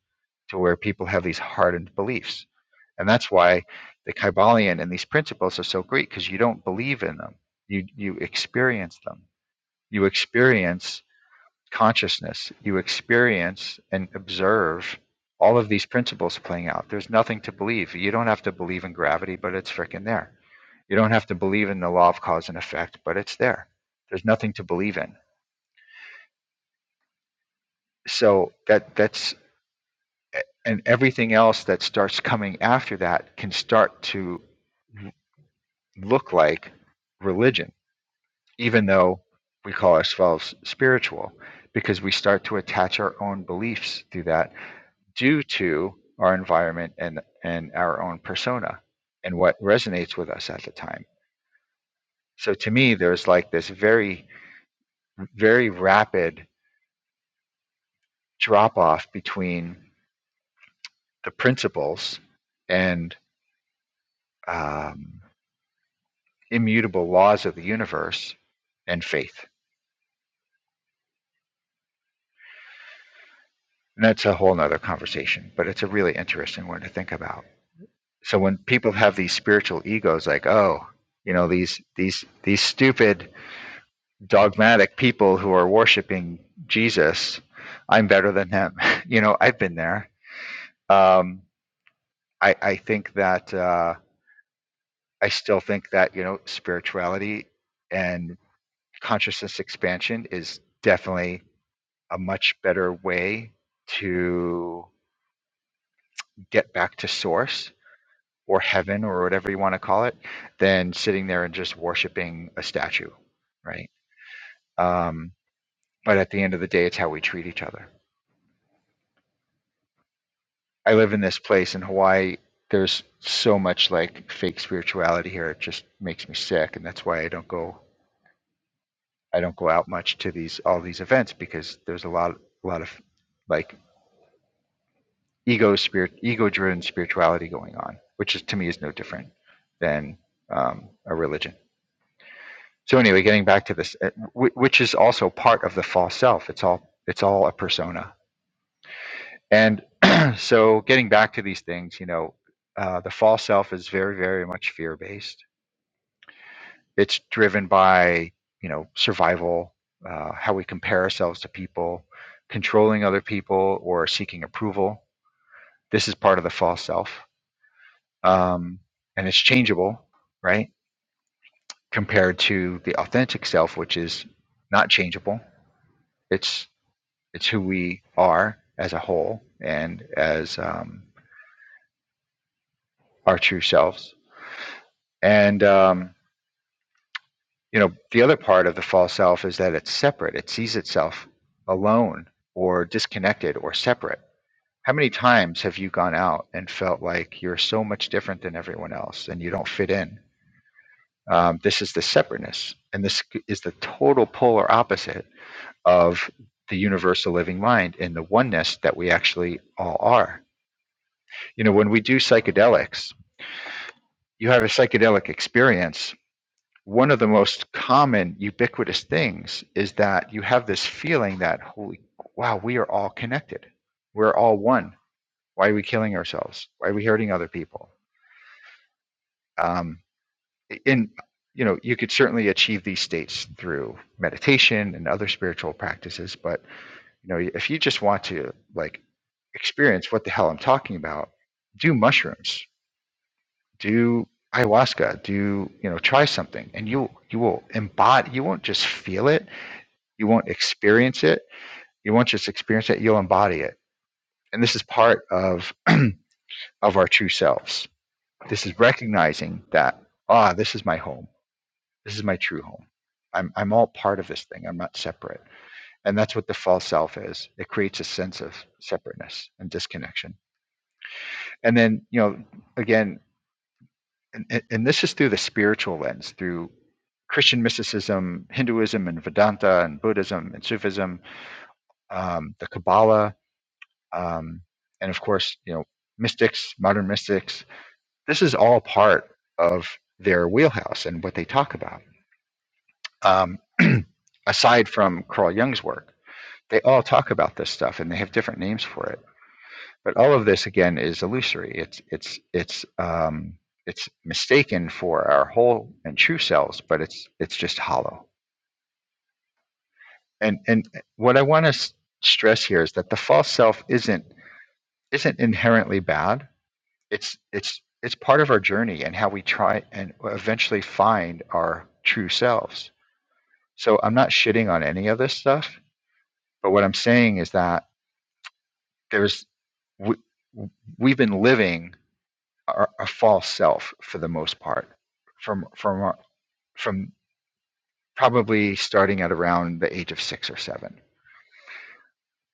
[SPEAKER 1] to where people have these hardened beliefs, and that's why the Kybalion and these principles are so great because you don't believe in them, you you experience them, you experience consciousness, you experience and observe all of these principles playing out. There's nothing to believe. You don't have to believe in gravity, but it's freaking there. You don't have to believe in the law of cause and effect, but it's there. There's nothing to believe in. So that that's and everything else that starts coming after that can start to look like religion, even though we call ourselves spiritual, because we start to attach our own beliefs to that due to our environment and and our own persona and what resonates with us at the time so to me there's like this very very rapid drop off between the principles and um, immutable laws of the universe and faith and that's a whole nother conversation but it's a really interesting one to think about so when people have these spiritual egos like oh you know these these these stupid dogmatic people who are worshiping Jesus. I'm better than him. *laughs* You know, I've been there. Um, I, I think that uh, I still think that you know spirituality and consciousness expansion is definitely a much better way to get back to source or heaven or whatever you want to call it than sitting there and just worshiping a statue, right? Um, but at the end of the day, it's how we treat each other I live in this place in Hawaii. There's so much like fake spirituality here. It just makes me sick, and that's why I don't go. I don't go out much to these all these events because there's a lot, a lot of like ego spirit, ego-driven spirituality going on, which is to me is no different than um, a religion. So anyway, getting back to this, uh, which is also part of the false self. It's all it's all a persona. And *clears throat* so, getting back to these things, you know, uh, the false self is very, very much fear-based It's driven by you know survival, uh, how we compare ourselves to people, controlling other people, or seeking approval. This is part of the false self, um, and it's changeable, right? Compared to the authentic self, which is not changeable. It's it's who we are as a whole and as um, our true selves. And um, you know the other part of the false self is that it's separate it sees itself alone or disconnected or separate how many times have you gone out and felt like you're so much different than everyone else and you don't fit in um, this is the separateness and this is the total polar opposite of the universal living mind and the oneness that we actually all are you know when we do psychedelics you have a psychedelic experience one of the most common ubiquitous things is that you have this feeling that holy wow we are all connected we're all one why are we killing ourselves why are we hurting other people um, in you know you could certainly achieve these states through meditation and other spiritual practices but you know if you just want to like experience what the hell i'm talking about do mushrooms do ayahuasca do you know try something and you you will embody you won't just feel it You won't experience it. You won't just experience it, you'll embody it. And this is part of *clears throat* of our true selves. This is recognizing that, ah, this is my home. This is my true home. I'm I'm all part of this thing. I'm not separate. And that's what the false self is. It creates a sense of separateness and disconnection. And then, you know, again, and, and this is through the spiritual lens, through Christian mysticism, Hinduism, and Vedanta, and Buddhism, and Sufism, um, the Kabbalah, um, and of course, you know, mystics, modern mystics. This is all part of their wheelhouse and what they talk about. Um, *clears throat* aside from Carl Jung's work, they all talk about this stuff and they have different names for it. But all of this again is illusory. It's it's it's um, it's mistaken for our whole and true selves, but it's it's just hollow. And and what I want to s- stress here is that the false self isn't isn't inherently bad it's it's it's part of our journey and how we try and eventually find our true selves. So I'm not shitting on any of this stuff, but what I'm saying is that there's we, we've been living our, a false self for the most part from from our, from probably starting at around the age of 6 or 7.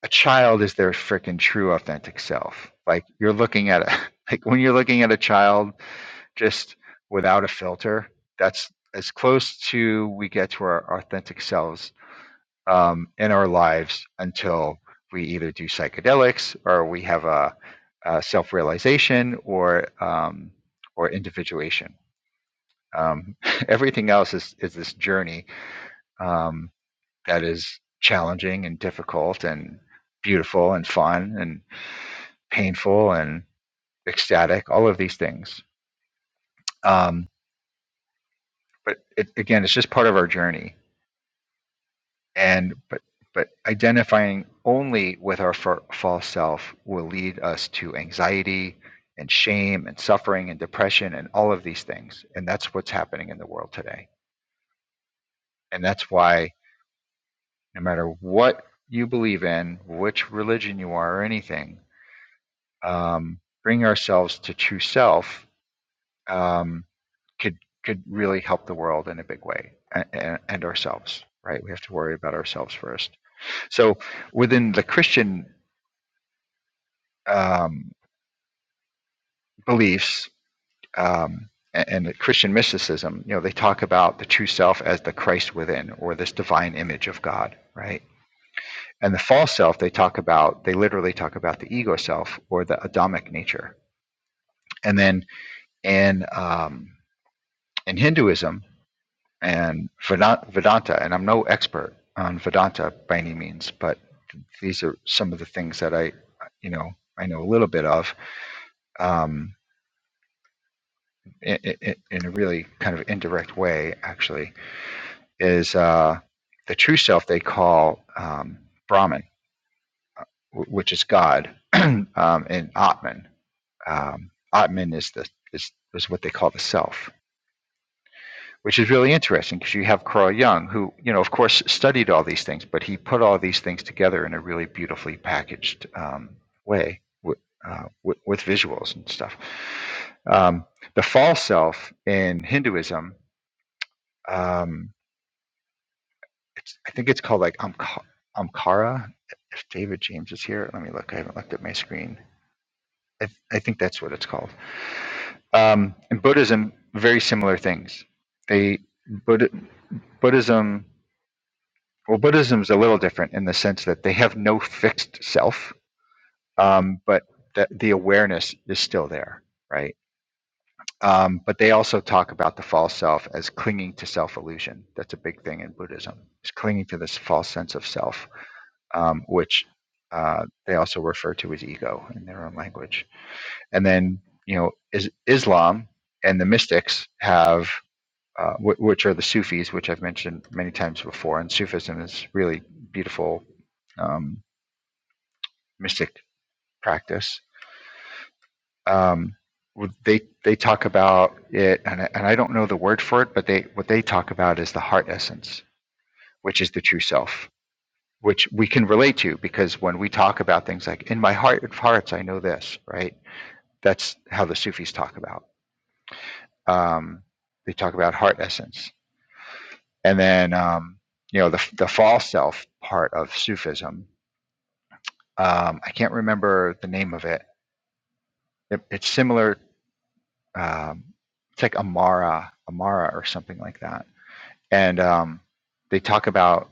[SPEAKER 1] A child is their freaking true authentic self. Like you're looking at a *laughs* like when you're looking at a child just without a filter. That's as close to we get to our authentic selves um, in our lives until we either do psychedelics or we have a, a self-realization or um, or individuation. Um, *laughs* everything else is is this journey um, that is challenging and difficult and beautiful and fun and painful and ecstatic. All of these things. Um, but it, again, it's just part of our journey and but but identifying only with our fa- false self will lead us to anxiety and shame and suffering and depression and all of these things and that's what's happening in the world today and that's why no matter what you believe in which religion you are or anything um, bringing ourselves to true self um, could could really help the world in a big way and, and ourselves right we have to worry about ourselves first so within the christian um, beliefs um, a- and, Christian mysticism, you know, they talk about the true self as the Christ within or this divine image of God, right? And the false self, they talk about, they literally talk about the ego self or the Adamic nature. And then in, um, in Hinduism and Vedanta, and I'm no expert on Vedanta by any means, but these are some of the things that I, you know, I know a little bit of. Um, in, in, a really kind of indirect way, actually, is uh, the true self they call um, Brahman, w- which is God, *clears throat* um, and Atman. Um, Atman is the is, is what they call the self, which is really interesting because you have Carl Jung, who you know, of course, studied all these things, but he put all these things together in a really beautifully packaged um, way. wi- Uh, with, with visuals and stuff. Um, the false self in Hinduism Um, It's I think it's called like Amka- Amkara. If David James is here, let me look. I haven't looked at my screen. I, th- I think that's what it's called. Um, in Buddhism, very similar things. They Buddha, Buddhism. Well, Buddhism's a little different in the sense that they have no fixed self, um, but the, the awareness is still there, right? Um, but they also talk about the false self as clinging to self illusion. That's a big thing in Buddhism. It's clinging to this false sense of self um, which uh, they also refer to as ego in their own language. And then, you know, is Islam and the mystics have, uh, w- which are the Sufis, which I've mentioned many times before, and Sufism is really beautiful um, mystic practice. Um, they they talk about it, and I, and I don't know the word for it, but they what they talk about is the heart essence, which is the true self which we can relate to because when we talk about things like in my heart of hearts i know this right that's how the sufis talk about um, they talk about heart essence and then um, you know the, the false self part of sufism um, i can't remember the name of it, it it's similar um, it's like amara amara or something like that and um, they talk about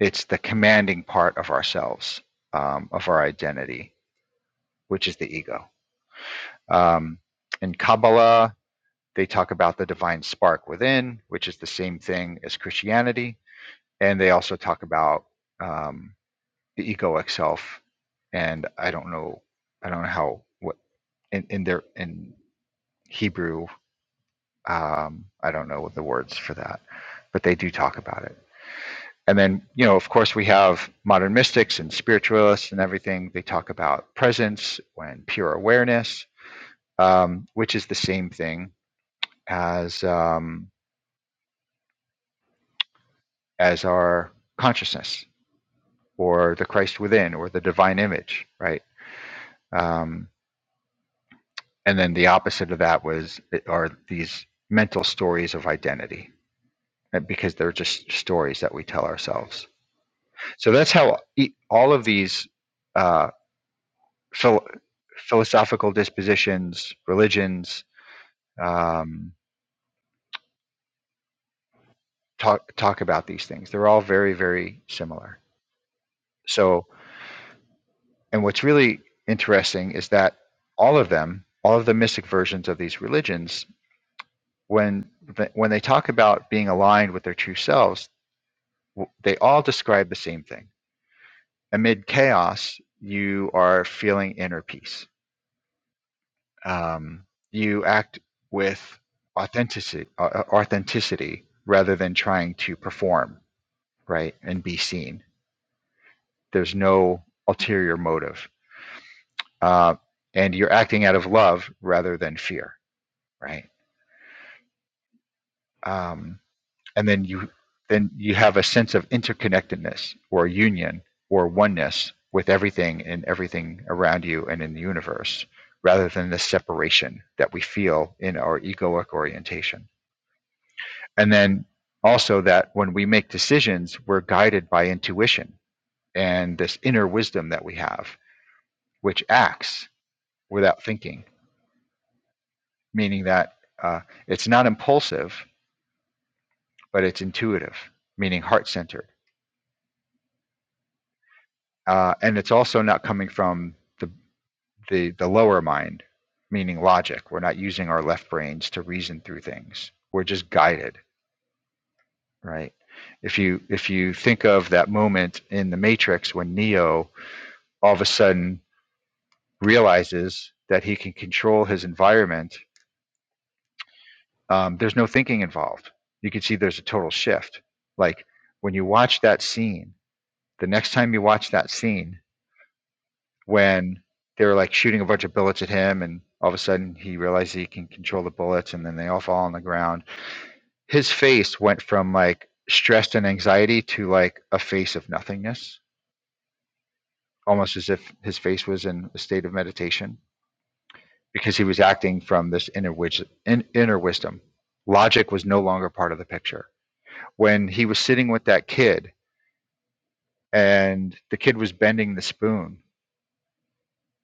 [SPEAKER 1] it's the commanding part of ourselves um, of our identity which is the ego Um, in Kabbalah, they talk about the divine spark within, which is the same thing as Christianity. And they also talk about um, the egoic self. And I don't know, I don't know how what in, in their in Hebrew, um, I don't know the words for that, but they do talk about it. And then, you know, of course, we have modern mystics and spiritualists and everything. They talk about presence and pure awareness, um, which is the same thing as um, as our consciousness or the Christ within or the divine image, right? Um, and then the opposite of that was are these mental stories of identity uh, because they're just stories that we tell ourselves. So that's how e- all of these uh, phil- philosophical dispositions, religions um, talk talk about these things. They're all very very similar. So And what's really interesting is that all of them, all of the mystic versions of these religions, when when they talk about being aligned with their true selves, they all describe the same thing. Amid chaos, you are feeling inner peace. Um, you act with authenticity, uh, authenticity rather than trying to perform, right, and be seen. There's no ulterior motive, uh, and you're acting out of love rather than fear, right? um, and then you then you have a sense of interconnectedness or union or oneness with everything and everything around you and in the universe rather than the separation that we feel in our egoic orientation and then also that when we make decisions we're guided by intuition and this inner wisdom that we have which acts without thinking meaning that uh, it's not impulsive but it's intuitive meaning heart centered uh, and it's also not coming from the, the the lower mind, meaning logic. We're not using our left brains to reason through things. We're just guided, right? If you if you think of that moment in the Matrix when Neo all of a sudden realizes that he can control his environment, um, there's no thinking involved. You can see there's a total shift. Like when you watch that scene, the next time you watch that scene, when they were like shooting a bunch of bullets at him and all of a sudden he realized he can control the bullets and then they all fall on the ground his face went from like stressed and anxiety to like a face of nothingness almost as if his face was in a state of meditation because he was acting from this inner wis- in, inner wisdom logic was no longer part of the picture when he was sitting with that kid and the kid was bending the spoon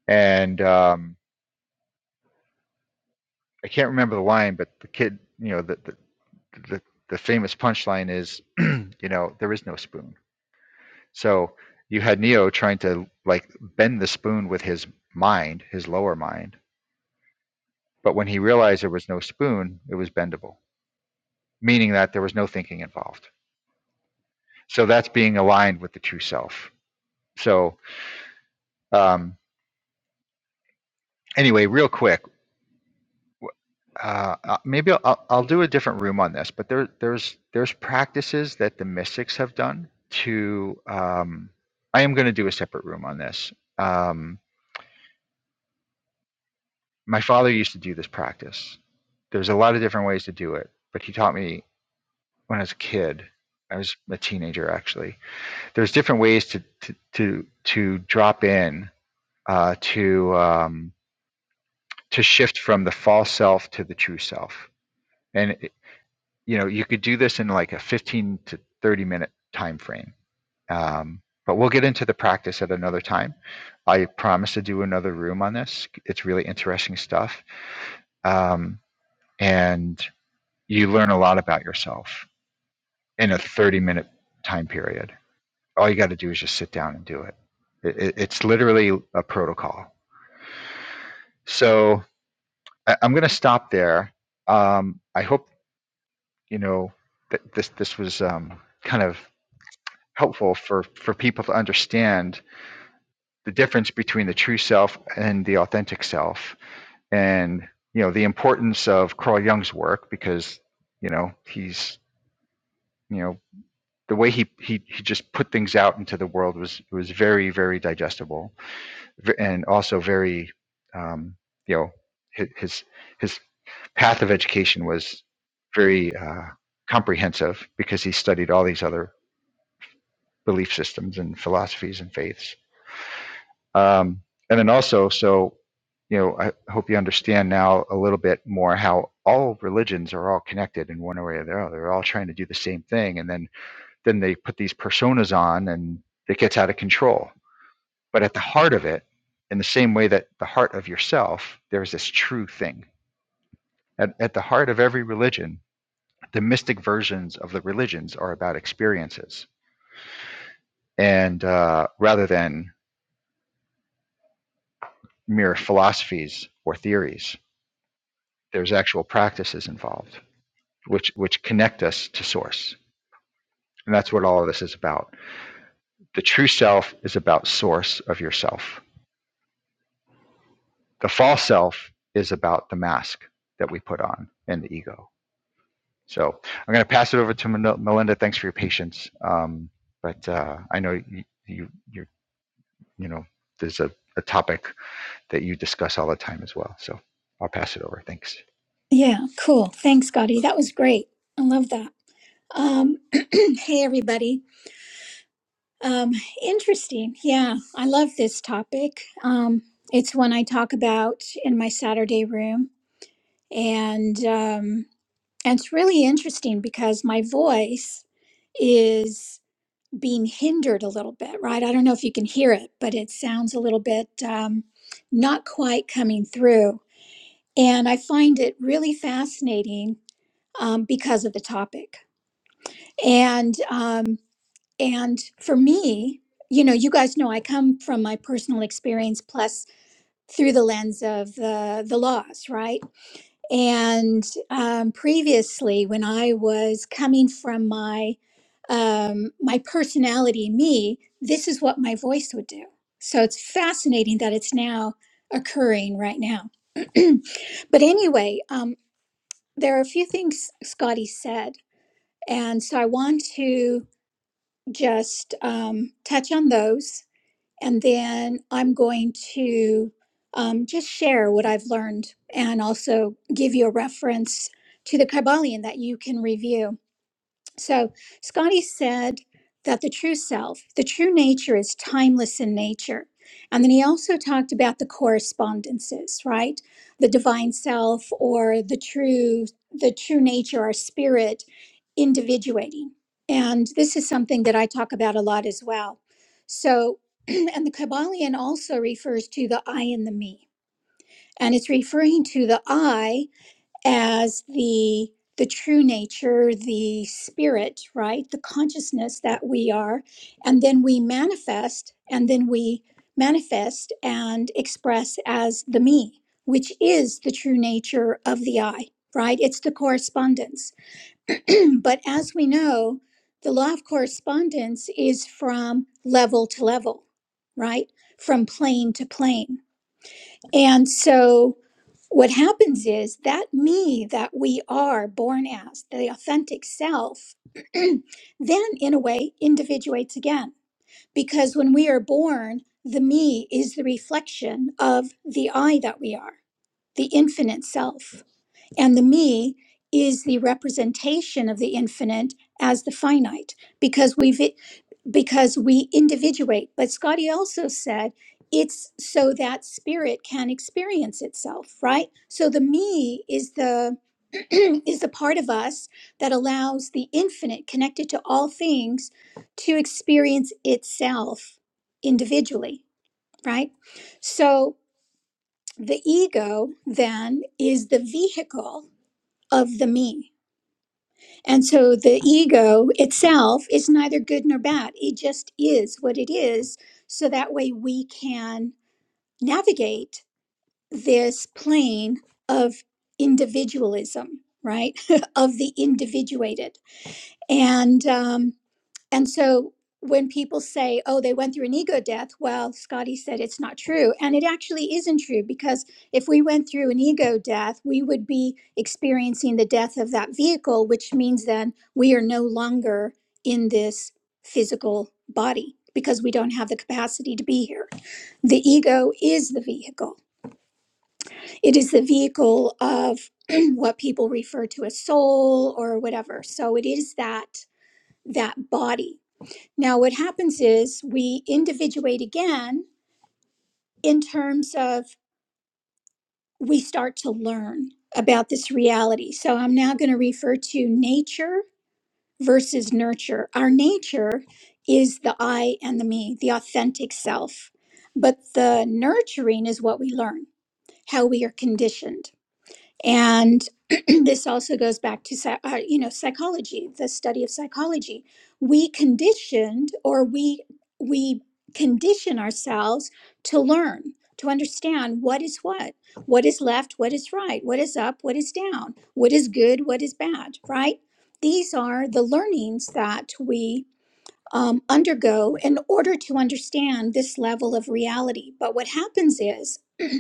[SPEAKER 1] and um, i can't remember the line but the kid you know the, the, the, the famous punchline is, *clears throat* you know, there is no spoon. So you had Neo trying to like bend the spoon with his mind, his lower mind. But when he realized there was no spoon, it was bendable, meaning that there was no thinking involved. So that's being aligned with the true self. So um, anyway, real quick, uh, uh, maybe I'll, I'll I'll do a different room on this, but there, there's there's practices that the mystics have done to. Um, I am going to do a separate room on this. Um, my father used to do this practice. There's a lot of different ways to do it, but he taught me when I was a kid. I was a teenager actually. There's different ways to to to, to drop in uh, to um, to shift from the false self to the true self. and you know you could do this in like a 15 to 30 minute time frame um, but we'll get into the practice at another time i promise to do another room on this it's really interesting stuff um, and you learn a lot about yourself in a 30 minute time period all you got to do is just sit down and do it, it, it's literally a protocol so I, i'm going to stop there um, i hope you know that this this was um, kind of helpful for, for people to understand the difference between the true self and the authentic self and you know the importance of carl jung's work because you know he's you know the way he, he he just put things out into the world was was very very digestible and also very um you know his his path of education was very uh comprehensive because he studied all these other belief systems and philosophies and faiths Um, and then also, so, you know, I hope you understand now a little bit more how all religions are all connected in one way or the other. They're all trying to do the same thing. And then, then they put these personas on and it gets out of control. But at the heart of it, in the same way that the heart of yourself, there's this true thing. At, at the heart of every religion, the mystic versions of the religions are about experiences and uh, rather than mere philosophies or theories there's actual practices involved which which connect us to source and that's what all of this is about the true self is about source of yourself the false self is about the mask that we put on and the ego so i'm going to pass it over to melinda thanks for your patience um, but uh, i know you, you you you know there's a, a topic that you discuss all the time as well so i'll pass it over thanks
[SPEAKER 2] Yeah, cool. Thanks, Gotti. That was great. I love that. Um, *clears throat* hey, everybody. Um, interesting. Yeah, I love this topic. Um, it's one I talk about in my Saturday room, and um, and it's really interesting because my voice is being hindered a little bit, right? I don't know if you can hear it, but it sounds a little bit um, not quite coming through, and I find it really fascinating um, because of the topic and um, and for me you know you guys know i come from my personal experience plus through the lens of the the laws right and um, previously when i was coming from my um, my personality me this is what my voice would do so it's fascinating that it's now occurring right now *clears throat* but anyway um, there are a few things scotty said and so i want to just um, touch on those. And then I'm going to um, just share what I've learned and also give you a reference to the Kybalion that you can review. So Scotty said that the true self, the true nature is timeless in nature. And then he also talked about the correspondences, right? The divine self or the true the true nature our spirit individuating. And this is something that I talk about a lot as well. So *clears throat* and the Kabbalion also refers to the I and the me. And it's referring to the I as the the true nature the spirit right the consciousness that we are and then we manifest and then we manifest and express as the me which is the true nature of the i right it's the correspondence *clears throat* but as we know the law of correspondence is from level to level right from plane to plane and so what happens is that me that we are born as, the authentic self, *clears throat* then in a way individuates again. Because when we are born, the me is the reflection of the I that we are, the infinite self. And the me is the representation of the infinite as the finite, because we've because we individuate. But Scotty also said it's so that spirit can experience itself, right? So the me is the *clears throat* is the part of us that allows the infinite connected to all things to experience itself individually, right? So the ego then is the vehicle of the me and so the ego itself is neither good nor bad. It just is what it is. So that way we can navigate this plane of individualism, right? *laughs* of the individuated. And um, and so when people say, oh, they went through an ego death, well, Scotty said it's not true. And it actually isn't true because if we went through an ego death, we would be experiencing the death of that vehicle, which means then we are no longer in this physical body because we don't have the capacity to be here. The ego is the vehicle, it is the vehicle of *clears throat* what people refer to as soul or whatever. So it is that that body now, what happens is we individuate again in terms of we start to learn about this reality. So I'm now going to refer to nature versus nurture. Our nature is the I and the me, the authentic self. But the nurturing is what we learn, how we are conditioned. and *clears throat* this also goes back to psy- uh, you know psychology the study of psychology we conditioned or we we condition ourselves to learn to understand what is what what is left what is right what is up what is down what is good what is bad right these are the learnings that we um, undergo in order to understand this level of reality but what happens is *clears throat*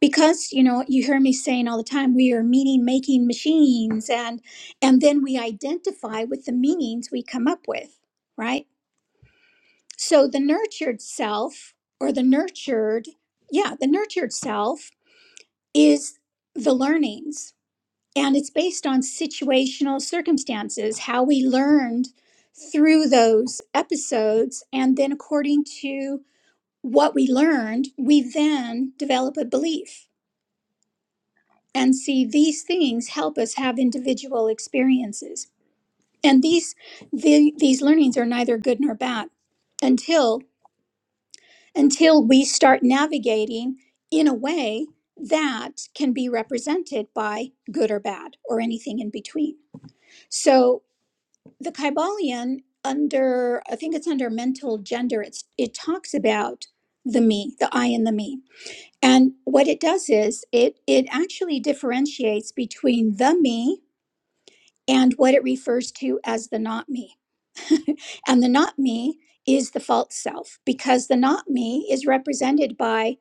[SPEAKER 2] because you know you hear me saying all the time we are meaning making machines and and then we identify with the meanings we come up with right so the nurtured self or the nurtured yeah the nurtured self is the learnings and it's based on situational circumstances how we learned through those episodes and then according to what we learned we then develop a belief And see, these things help us have individual experiences. And these the, these learnings are neither good nor bad until until we start navigating in a way that can be represented by good or bad or anything in between. So the Kybalion under I think it's under mental gender, it's it talks about the me, the I and the me. And what it does is it it actually differentiates between the me and what it refers to as the not me. And the not me is the false self because the not me is represented by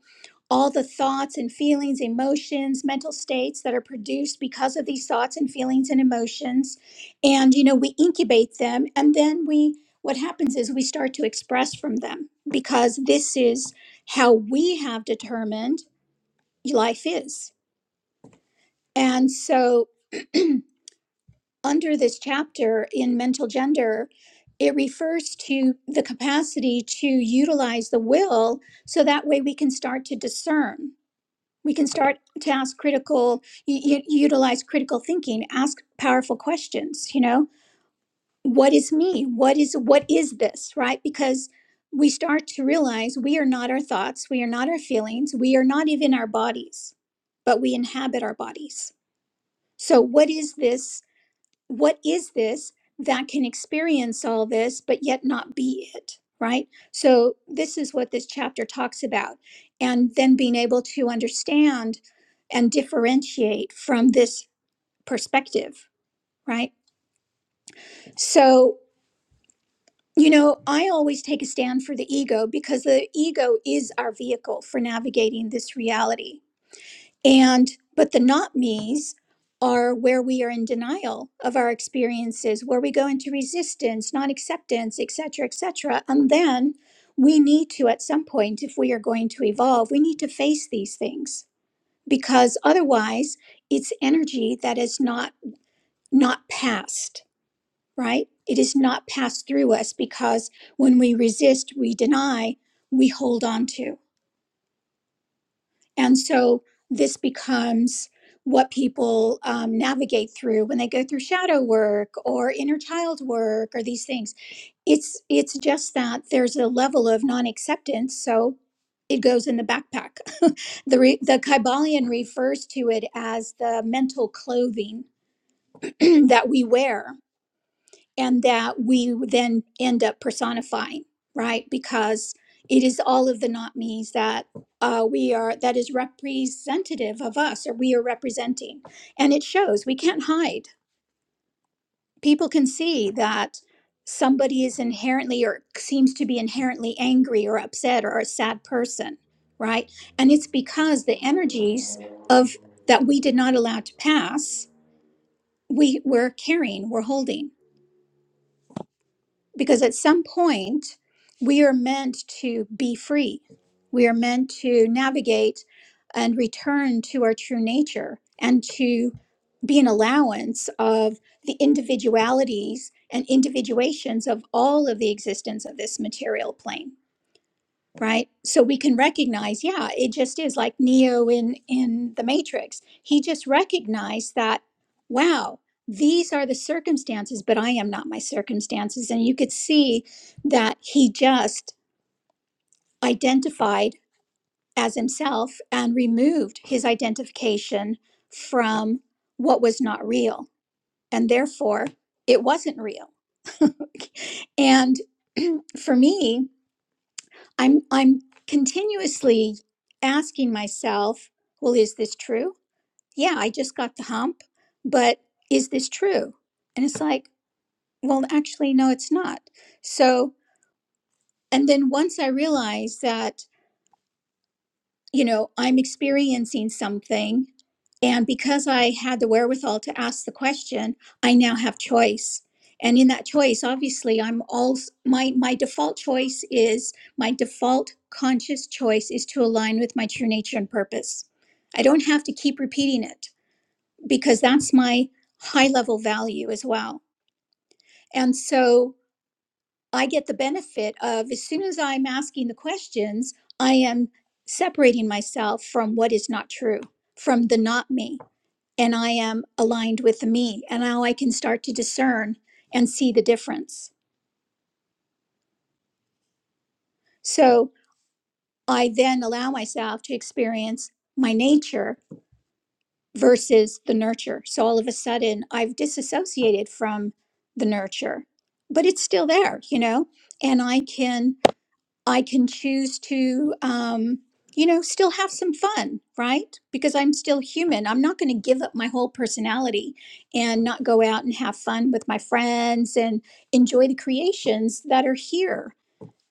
[SPEAKER 2] all the thoughts and feelings, emotions, mental states that are produced because of these thoughts and feelings and emotions. And, you know, we incubate them and then we, what happens is we start to express from them because this is how we have determined life is. And so under this chapter in mental gender, it refers to the capacity to utilize the will so that way we can start to discern. We can start to ask critical, u- u- utilize critical thinking, ask powerful questions, you know, what is me? What is what is this, right? Because we start to realize we are not our thoughts, we are not our feelings, we are not even our bodies, but we inhabit our bodies. So what is this what is this that can experience all this but yet not be it right so this is what this chapter talks about and then being able to understand and differentiate from this perspective right so you know i always take a stand for the ego because the ego is our vehicle for navigating this reality And, but the not me's are where we are in denial of our experiences, where we go into resistance, non acceptance, et cetera, et cetera. And then we need to, at some point, if we are going to evolve, we need to face these things because otherwise it's energy that is not not passed right it is not passed through us because when we resist we deny we hold on to And so this becomes what people um, navigate through when they go through shadow work or inner child work or these things. It's it's just that there's a level of non-acceptance, so it goes in the backpack. *laughs* the re- the Kybalion refers to it as the mental clothing *clears throat* that we wear and that we would then end up personifying, right? Because it is all of the not me's that uh, we are that is representative of us or we are representing, and it shows. We can't hide. People can see that somebody is inherently or seems to be inherently angry or upset or a sad person, right? And it's because the energies of that we did not allow to pass, we were carrying, we're holding. because at some point we are meant to be free we are meant to navigate and return to our true nature and to be an allowance of the individualities and individuations of all of the existence of this material plane right so we can recognize yeah it just is like neo in in the matrix he just recognized that wow these are the circumstances but i am not my circumstances and you could see that he just identified as himself and removed his identification from what was not real and therefore it wasn't real *laughs* and *clears throat* for me I'm I'm continuously asking myself, well, is this true? Yeah, I just got the hump, but is this true? And it's like, well, actually, no, it's not. So, and then once I realized that you know, I'm experiencing something. And because I had the wherewithal to ask the question, I now have choice. And in that choice, obviously, I'm all my my default choice is my default conscious choice is to align with my true nature and purpose. I don't have to keep repeating it because that's my high level value as well. And so I get the benefit of as soon as I'm asking the questions, I am separating myself from what is not true, from the not me, and I am aligned with the me. And now I can start to discern and see the difference. So I then allow myself to experience my nature versus the nurture. So all of a sudden, I've disassociated from the nurture, but it's still there, you know, and I can. I can choose to, um, you know, still have some fun, right? Because I'm still human. I'm not going to give up my whole personality and not go out and have fun with my friends and enjoy the creations that are here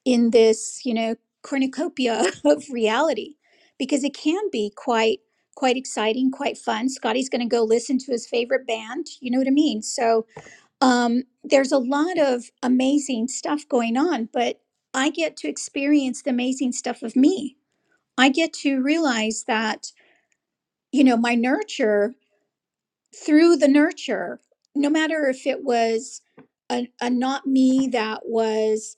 [SPEAKER 2] in this, you know, cornucopia *laughs* of reality, because it can be quite, quite exciting, quite fun. Scotty's going to go listen to his favorite band. You know what I mean? So, um, there's a lot of amazing stuff going on, but I get to experience the amazing stuff of me. I get to realize that, you know, my nurture through the nurture, no matter if it was a, a not me that was,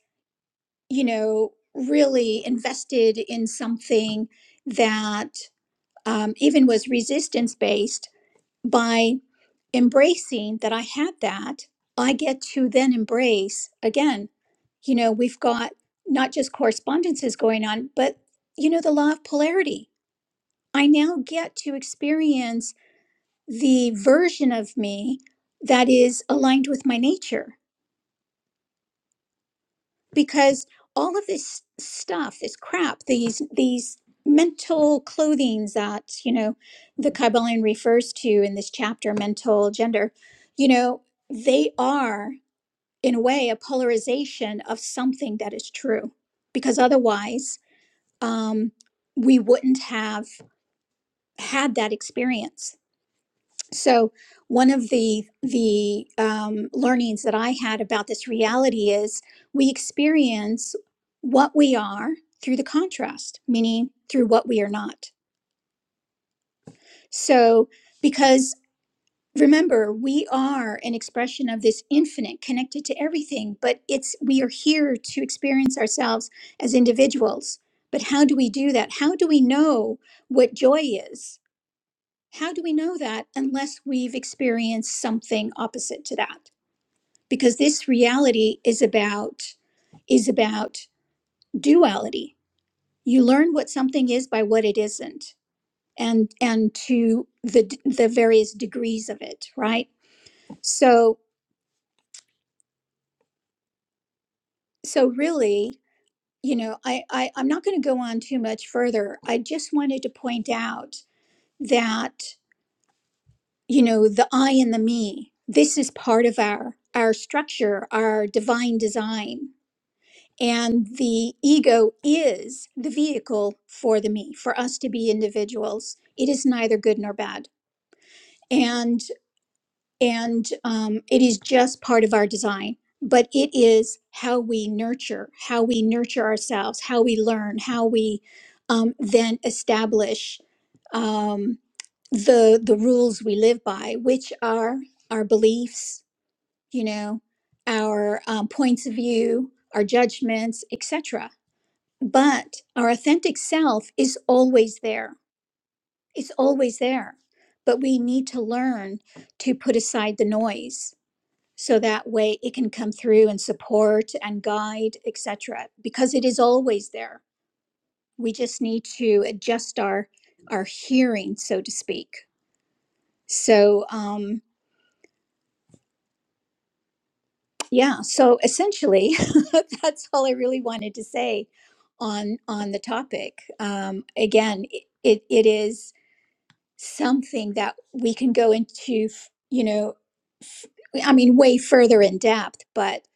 [SPEAKER 2] you know, really invested in something that um, even was resistance based, by. embracing that I had that, I get to then embrace again, you know, we've got not just correspondences going on, but, you know, the law of polarity. I now get to experience the version of me that is aligned with my nature because all of this stuff, this crap, these, these, mental clothings that you know the kybalion refers to in this chapter mental gender you know they are in a way, a polarization of something that is true, because otherwise um, we wouldn't have had that experience. So, one of the the um, learnings that I had about this reality is we experience what we are through the contrast, meaning through what we are not. So, because remember we are an expression of this infinite connected to everything but it's we are here to experience ourselves as individuals but how do we do that how do we know what joy is how do we know that unless we've experienced something opposite to that because this reality is about is about duality you learn what something is by what it isn't and and to the the various degrees of it right so so really you know i, I i'm not going to go on too much further i just wanted to point out that you know the i and the me this is part of our our structure our divine design and the ego is the vehicle for the me for us to be individuals it is neither good nor bad and and um, it is just part of our design but it is how we nurture how we nurture ourselves how we learn how we um, then establish um, the the rules we live by which are our beliefs you know our um, points of view our judgments etc but our authentic self is always there it's always there but we need to learn to put aside the noise so that way it can come through and support and guide etc because it is always there we just need to adjust our our hearing so to speak so um yeah so essentially *laughs* that's all i really wanted to say on on the topic um again it, it it is something that we can go into, f- you know, f- I mean, way further in depth. But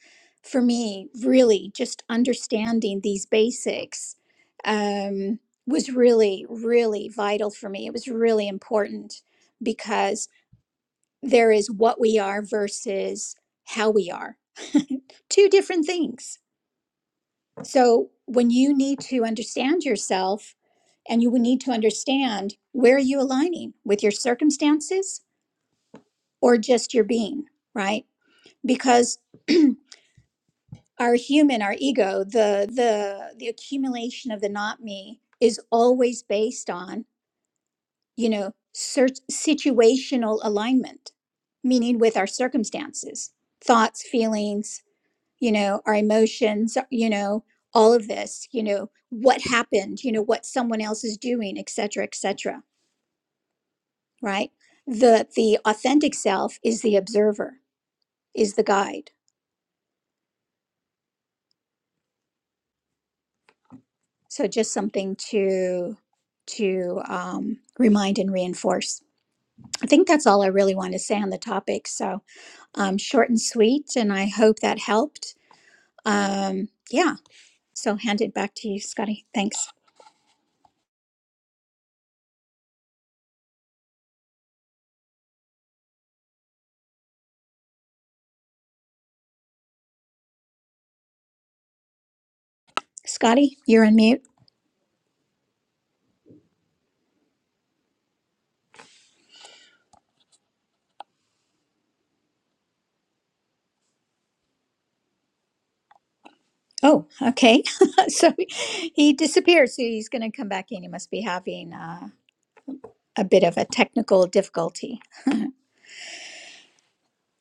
[SPEAKER 2] for me, really, just understanding these basics um, was really, really vital for me. It was really important because there is what we are versus how we are, two different things. So when you need to understand yourself, and you would need to understand where are you aligning with your circumstances or just your being right because our human our ego the the the accumulation of the not me is always based on you know cert- situational alignment meaning with our circumstances thoughts feelings you know our emotions you know all of this you know what happened you know what someone else is doing etc etc right the the authentic self is the observer is the guide So just something to to um, remind and reinforce. I think that's all I really want to say on the topic. So um, short and sweet, and I hope that helped. Um, yeah. So hand it back to you, Scotty. Thanks, Scotty. You're on mute. Oh, okay. *laughs* so he disappeared. So he's going to come back in. He must be having uh, a bit of a technical difficulty.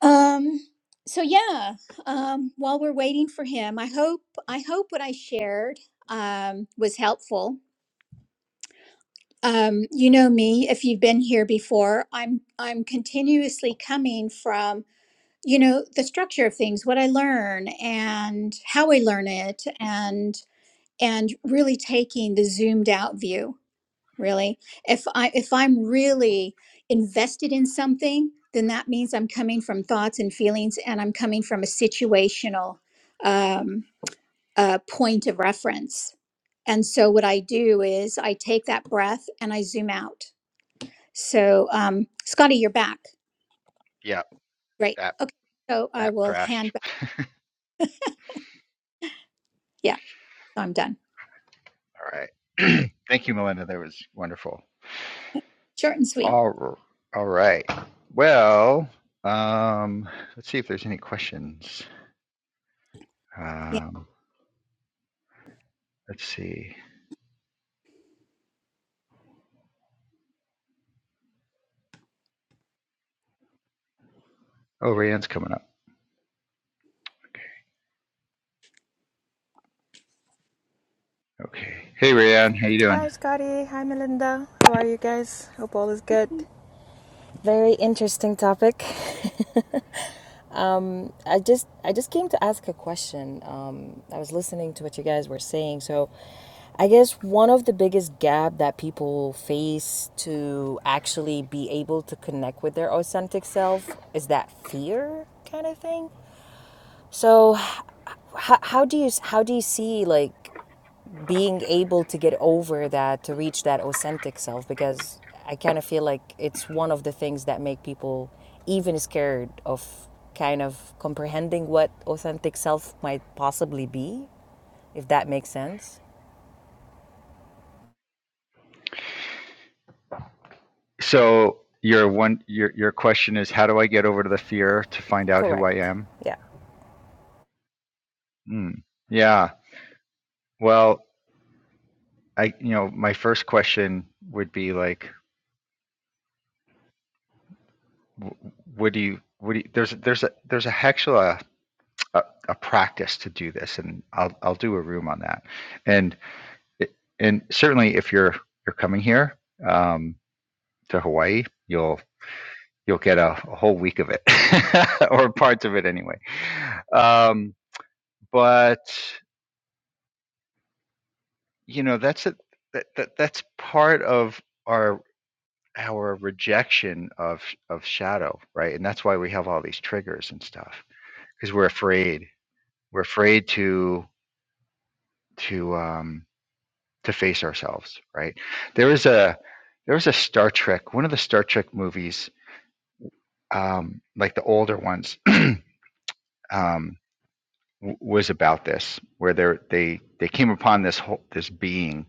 [SPEAKER 2] Um, so yeah, um, while we're waiting for him, I hope I hope what I shared um, was helpful. Um, you know me, if you've been here before, I'm I'm continuously coming from you know the structure of things, what I learn and how I learn it, and and really taking the zoomed out view really if i if i'm really invested in something then that means i'm coming from thoughts and feelings and i'm coming from a situational um, uh, point of reference and so what i do is i take that breath and i zoom out so um, scotty you're back
[SPEAKER 1] yeah
[SPEAKER 2] great
[SPEAKER 1] app
[SPEAKER 2] okay so i
[SPEAKER 1] app
[SPEAKER 2] will
[SPEAKER 1] crashed
[SPEAKER 2] hand back yeah So i'm done
[SPEAKER 1] all right *clears throat* thank you melinda that was wonderful
[SPEAKER 2] short and sweet
[SPEAKER 1] All r- all right. Well, um, let's see if there's any questions.
[SPEAKER 2] yeah
[SPEAKER 1] Um, let's see. Oh, Rayanne's coming up. Okay. Okay. Hey, Rayanne, how you doing?
[SPEAKER 3] Hi, Scotty. Hi, Melinda. How are you guys? Hope all is good. Very interesting topic. *laughs* um, I just I just came to ask a question. Um, I was listening to what you guys were saying, so I guess one of the biggest gap that people face to actually be able to connect with their authentic self is that fear kind of thing. So, how, how do you how do you see like being able to get over that to reach that authentic self because i kind of feel like it's one of the things that make people even scared of kind of comprehending what authentic self might possibly be if that makes sense
[SPEAKER 1] So your one your your question is how do I get over to the fear to find out who I
[SPEAKER 3] Correct.
[SPEAKER 1] am?
[SPEAKER 3] Yeah.
[SPEAKER 1] Hmm. Yeah. Well, I you know my first question would be like, w- what do you what do you, there's there's a there's a actual a, a, a practice to do this, and I'll I'll do a room on that, and and certainly if you're you're coming here um, to Hawaii, you'll you'll get a, a whole week of it *laughs* or parts of it anyway. Um, but you know that's a, that, that that's part of our our rejection of of shadow, right? And that's why we have all these triggers and stuff because we're afraid. We're afraid to to um, to face ourselves, right? There is a there was a Star Trek, one of the Star Trek movies um, like the older ones, *clears throat* um, w- was about this, where they they they came upon this whole this being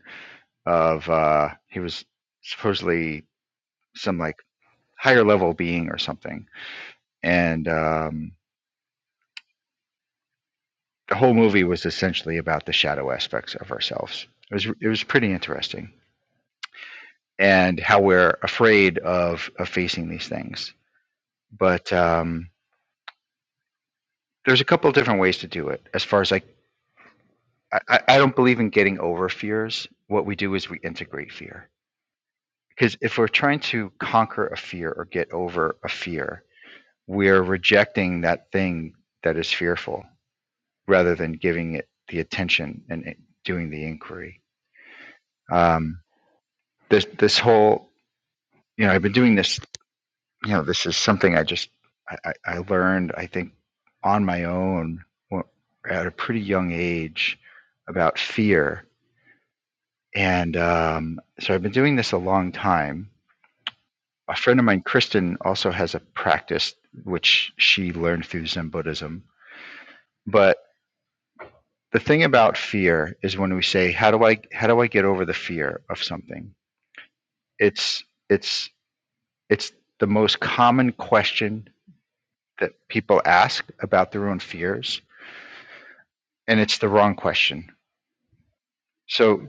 [SPEAKER 1] of uh, he was supposedly some like higher level being or something, and um, the whole movie was essentially about the shadow aspects of ourselves. It was it was pretty interesting, and how we're afraid of of facing these things. But um, there's a couple of different ways to do it, as far as I I, I I don't believe in getting over fears. What we do is we integrate fear. Because if we're trying to conquer a fear or get over a fear, we're rejecting that thing that is fearful rather than giving it the attention and it- doing the inquiry. Um, this this whole you know I've been doing this you know this is something I just I, I learned I think on my own at a pretty young age about fear And um, so I've been doing this a long time. A friend of mine, Kristen, also has a practice which she learned through Zen Buddhism. But the thing about fear is when we say, "How do I how do I get over the fear of something?" It's it's it's the most common question that people ask about their own fears, and it's the wrong question. So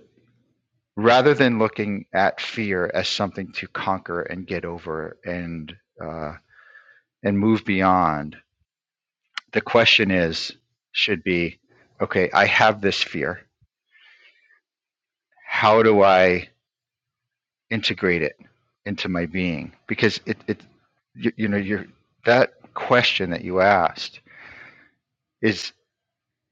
[SPEAKER 1] rather than looking at fear as something to conquer and get over and uh, and move beyond, the question is should be okay i have this fear how do i integrate it into my being because it, it you, you know you're, that question that you asked is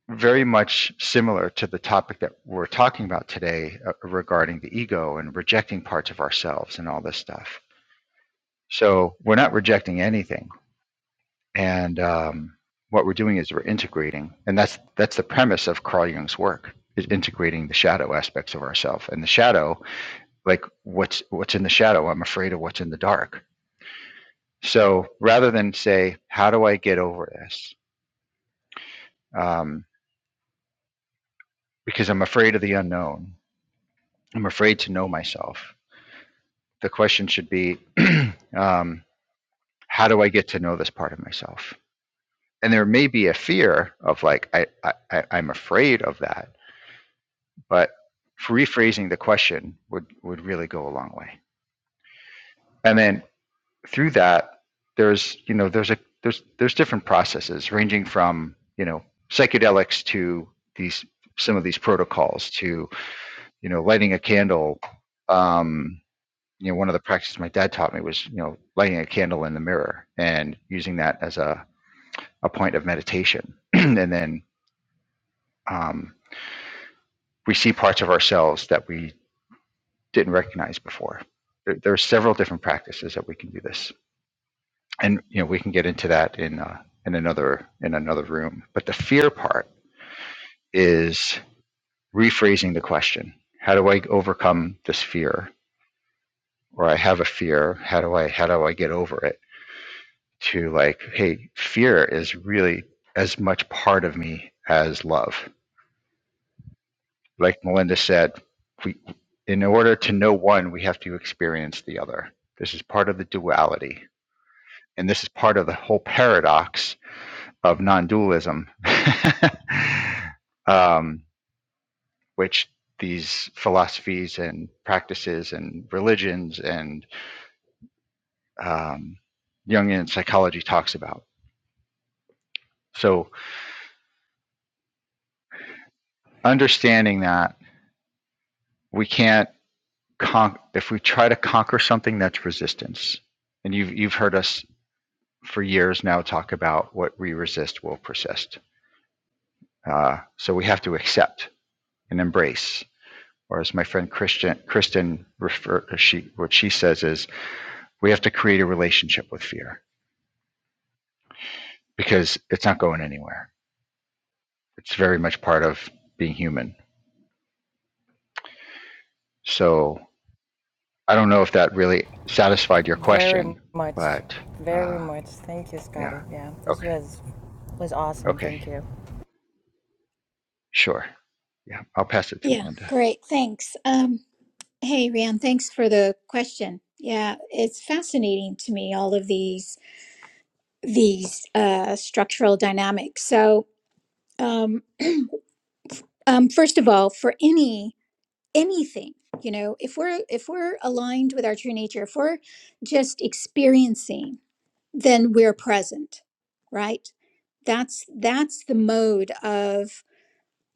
[SPEAKER 1] very much similar to the topic that we're talking about today uh, regarding the ego and rejecting parts of ourselves and all this stuff so we're not rejecting anything and um, what we're doing is we're integrating, and that's that's the premise of Carl Jung's work is integrating the shadow aspects of ourself and the shadow, like what's what's in the shadow. I'm afraid of what's in the dark. So rather than say, how do I get over this? Um, because I'm afraid of the unknown. I'm afraid to know myself. The question should be, *clears throat* um, how do I get to know this part of myself? And there may be a fear of like I, I I- I'm afraid of that But rephrasing the question would would really go a long way. And then through that, there's you know there's a there's there's different processes ranging from you know psychedelics to these some of these protocols to you know lighting a candle. Um, you know, one of the practices my dad taught me was you know lighting a candle in the mirror and using that as a a point of meditation, *clears throat* and then um, we see parts of ourselves that we didn't recognize before. There, there are several different practices that we can do this, and you know we can get into that in uh, in another in another room. But the fear part is rephrasing the question: How do I overcome this fear? Or I have a fear. How do I how do I get over it? To like, hey, fear is really as much part of me as love. Like Melinda said, we in order to know one, we have to experience the other. This is part of the duality and this is part of the whole paradox of non-dualism, *laughs* um, which these philosophies and practices and religions and um, Jungian psychology talks about. So understanding that we can't con- if we try to conquer something that's resistance, and you've you've heard us for years now talk about what we resist will persist. Uh, so we have to accept and embrace or as my friend Christian Kristen refer uh, she what she says is we have to create a relationship with fear because it's not going anywhere. It's very much part of being human. So I don't know if that really satisfied your
[SPEAKER 3] very
[SPEAKER 1] question,
[SPEAKER 3] much
[SPEAKER 1] but
[SPEAKER 3] very
[SPEAKER 1] uh,
[SPEAKER 3] much thank you
[SPEAKER 1] yeah,
[SPEAKER 3] scotty yeah this
[SPEAKER 1] okay,
[SPEAKER 3] was was awesome
[SPEAKER 1] okay,
[SPEAKER 3] thank you
[SPEAKER 1] sure, yeah, I'll pass it to
[SPEAKER 2] yeah
[SPEAKER 1] Melinda.
[SPEAKER 2] great thanks Um. Hey, Ryan, thanks for the question. Yeah, it's fascinating to me all of these these uh, structural dynamics. So, um, um, first of all, for any anything, you know, if we're if we're aligned with our true nature, if we're just experiencing, then we're present, right? That's that's the mode of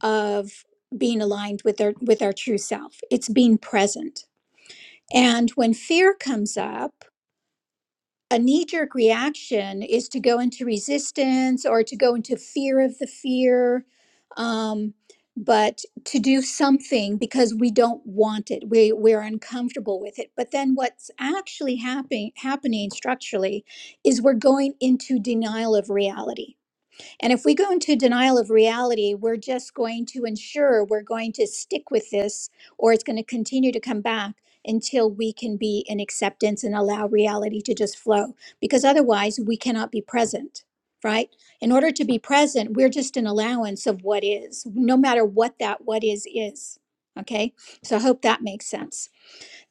[SPEAKER 2] of being aligned with our with our true self. It's being present. And when fear comes up a knee jerk reaction is to go into resistance or to go into fear of the fear. Um, but to do something because we don't want it, we, we're uncomfortable with it. But then what's actually happen, happening structurally is we're going into denial of reality and if we go into denial of reality, we're just going to ensure we're going to stick with this, or it's going to continue to come back until we can be in acceptance and allow reality to just flow, because otherwise we cannot be present, right? In order to be present, we're just an allowance of what is, no matter what that what is is. Okay. So I hope that makes sense.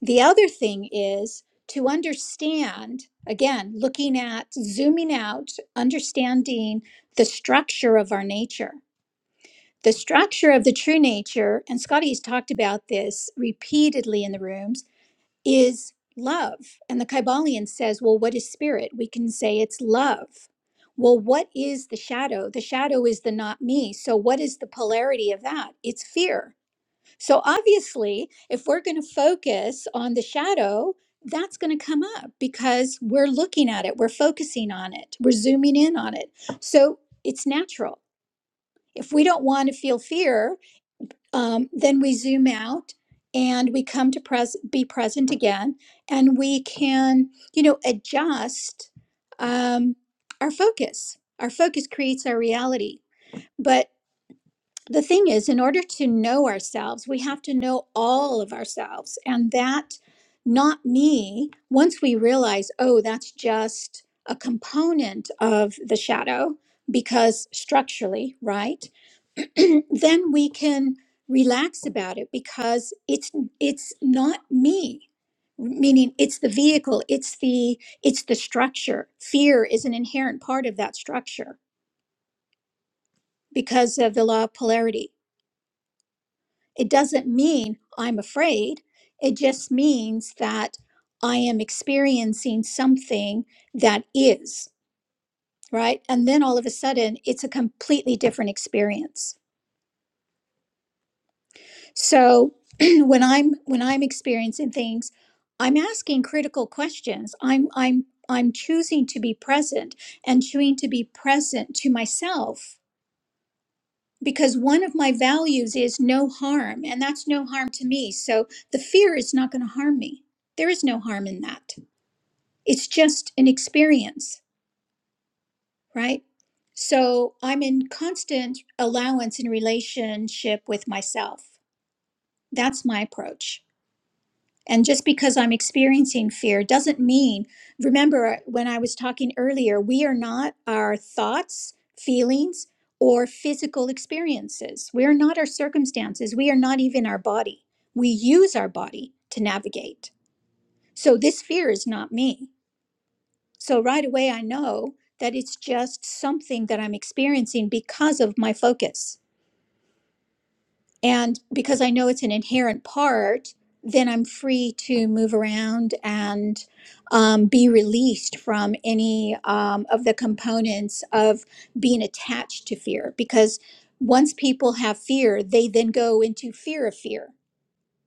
[SPEAKER 2] The other thing is to understand, again, looking at zooming out, understanding the structure of our nature. The structure of the true nature, and Scotty's talked about this repeatedly in the rooms, is love. And the Kybalion says, well, what is spirit? We can say it's love. Well, what is the shadow? The shadow is the not me. So, what is the polarity of that? It's fear so obviously, if we're going to focus on the shadow, that's going to come up because we're looking at it, we're focusing on it, we're zooming in on it. So it's natural. If we don't want to feel fear, um, then we zoom out and we come to pres- be present again, and we can, you know, adjust um, our focus. Our focus creates our reality. but the thing is, in order to know ourselves, we have to know all of ourselves. And that, not me, once we realize, oh, that's just a component of the shadow, because structurally, right? *clears throat* then we can relax about it because it's it's not me meaning it's the vehicle it's the it's the structure fear is an inherent part of that structure because of the law of polarity It doesn't mean I'm afraid. It just means that I am experiencing something that is, right? And then all of a sudden it's a completely different experience. So *clears throat* when I'm when I'm experiencing things, I'm asking critical questions. I'm I'm I'm choosing to be present and choosing to be present to myself because one of my values is no harm, and that's no harm to me. So the fear is not going to harm me. There is no harm in that. It's just an experience, right? So I'm in constant allowance and relationship with myself. That's my approach. And just because I'm experiencing fear doesn't mean, remember when I was talking earlier, we are not our thoughts, feelings, or physical experiences. We are not our circumstances. We are not even our body. We use our body to navigate. So this fear is not me. So right away, I know that it's just something that I'm experiencing because of my focus And because I know it's an inherent part, then I'm free to move around and um, be released from any um, of the components of being attached to fear. Because once people have fear, they then go into fear of fear,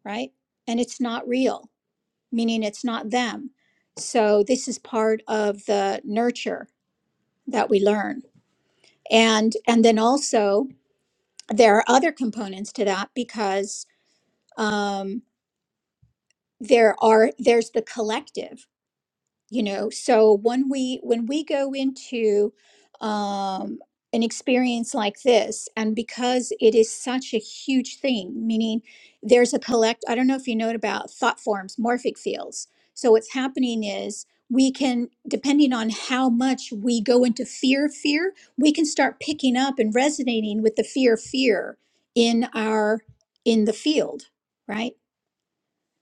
[SPEAKER 2] right? And it's not real, meaning it's not them. So this is part of the nurture that we learn. And and then also there are other components to that because um, there are there's the collective you know so when we when we go into um an experience like this and because it is such a huge thing meaning there's a collect i don't know if you know it about thought forms morphic fields so what's happening is we can depending on how much we go into fear of fear we can start picking up and resonating with the fear of fear in our in the field right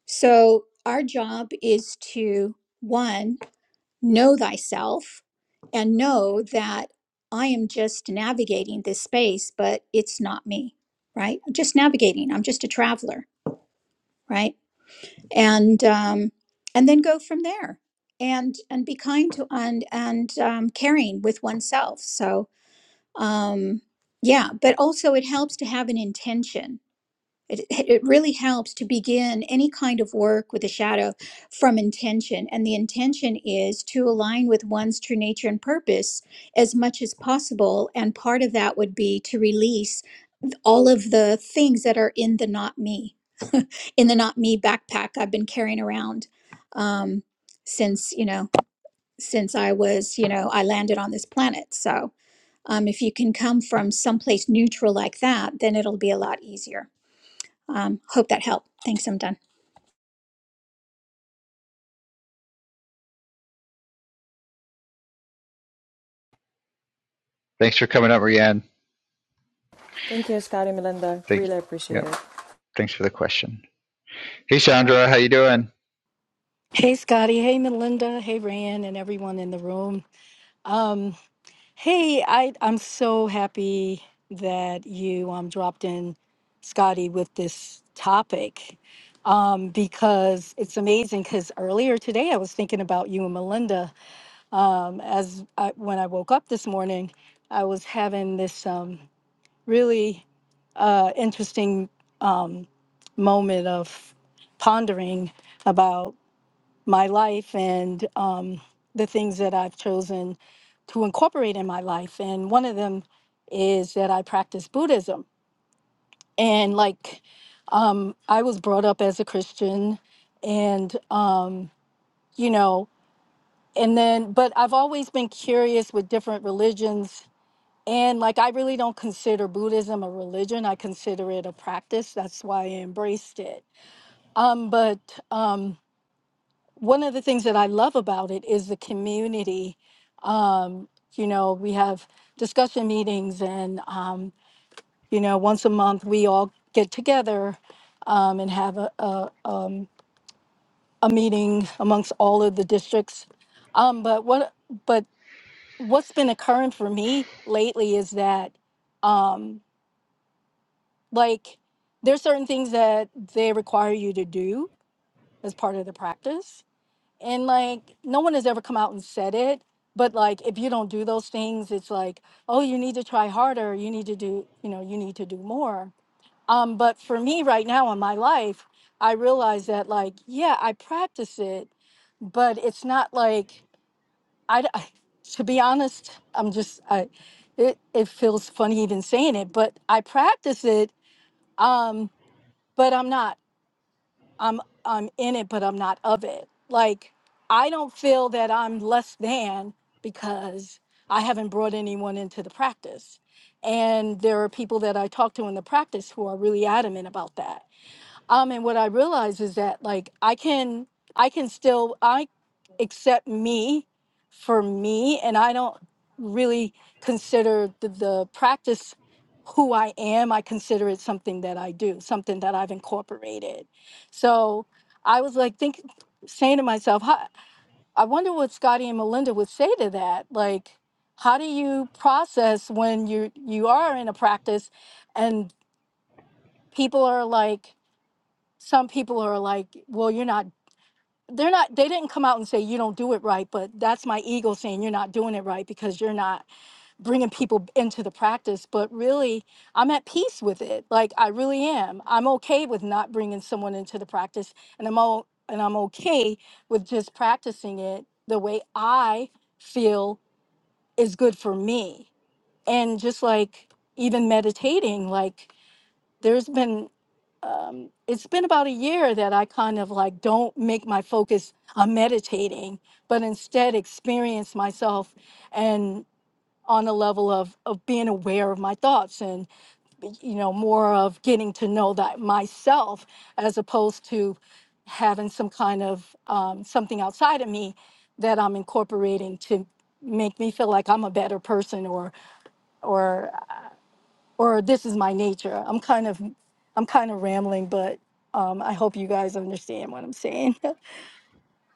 [SPEAKER 2] so, our job is to one, know thyself and know that I am just navigating this space, but it's not me, right? I'm just navigating. I'm just a traveler, right? And um, and then go from there, and and be kind to and and um, caring with oneself. So, um, yeah, but also it helps to have an intention it, it really helps to begin any kind of work with a shadow from intention. And the intention is to align with one's true nature and purpose as much as possible. And part of that would be to release all of the things that are in the not me, in the not me backpack I've been carrying around um, since, you know, since I was, you know, I landed on this planet. So um, if you can come from someplace neutral like that, then it'll be a lot easier. Um, hope that helped. Thanks, I'm done.
[SPEAKER 1] Thanks for coming up, Rianne.
[SPEAKER 3] Thank you, Scotty Melinda.
[SPEAKER 1] Thank,
[SPEAKER 3] Really
[SPEAKER 1] yeah,
[SPEAKER 3] appreciate it.
[SPEAKER 1] thanks for the question. Hey, Sandra, how you doing?
[SPEAKER 4] Hey Scotty, hey Melinda, hey Ryan, and everyone in the room. Um, hey, I I'm so happy that you um dropped in Scotty with this topic. Um, because it's amazing because earlier today I was thinking about you and Melinda. Um, as I, when I woke up this morning, I was having this um really uh interesting um moment of pondering my life and um, the things that I've chosen to incorporate in my life. And one of them is that I practice Buddhism. And like, um, I was brought up as a Christian, and, um, you know, and then, but I've always been curious with different religions. And like, I really don't consider Buddhism a religion, I consider it a practice. That's why I embraced it. Um, but, um, one of the things that I love about it is the community. Um, you know, we have discussion meetings, and um, you know, once a month we all get together um, and have a a, um, a meeting amongst all of the districts. Um, but what but what's been occurring for me lately is that um, like there's certain things that they require you to do as part of the practice and like no one has ever come out and said it but like if you don't do those things it's like oh you need to try harder you need to do you know you need to do more um but for me right now in my life i realize that like yeah i practice it but it's not like i, d- I- to be honest i'm just i it, it feels funny even saying it but i practice it um but i'm not I'm I'm in it, but I'm not of it. Like I don't feel that I'm less than because I haven't brought anyone into the practice. And there are people that I talk to in the practice who are really adamant about that. Um, and what I realize is that like I can I can still I accept me for me and I don't really consider the, the practice who I am. I consider it something that I do, something that I've incorporated. So I was like think saying to myself, "Huh, I wonder what Scotty and Melinda would say to that. Like, how do you process when you you are in a practice and people are like some people are like, well, you're not, they're not, they didn't come out and say, you don't do it right, but that's my ego saying you're not doing it right because you're not bringing people into the practice. But really, I'm at peace with it. Like, I really am. I'm okay with not bringing someone into the practice, and I'm all, and I'm okay with just practicing it the way I feel is good for me. And just like even meditating, like there's been um, it's been about a year that I kind of like don't make my focus on meditating, but instead experience myself and on a level of of being aware of my thoughts and you know more of getting to know that myself as opposed to having some kind of um, something outside of me that I'm incorporating to make me feel like I'm a better person or or or this is my nature. I'm kind of I'm kind of rambling, but um, I hope you guys understand what I'm saying.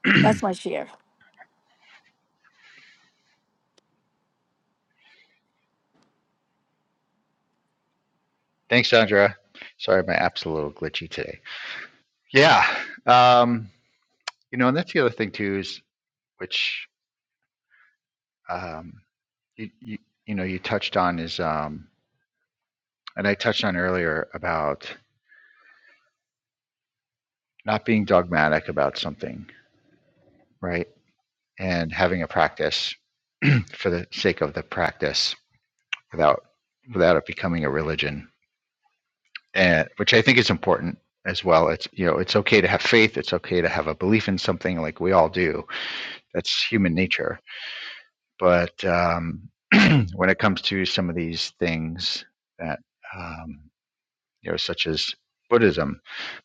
[SPEAKER 4] *laughs* That's my share.
[SPEAKER 1] Thanks, Sandra. Sorry, my app's a little glitchy today. Yeah. Um, You know, and that's the other thing too is which um, you, you you know you touched on is um, and I touched on earlier about not being dogmatic about something, right? And having a practice *clears throat* for the sake of the practice without without it becoming a religion, and which I think is important as well. It's you know it's okay to have faith. It's okay to have a belief in something like we all do. That's human nature But um, *clears throat* when it comes to some of these things that, um, you know, such as Buddhism,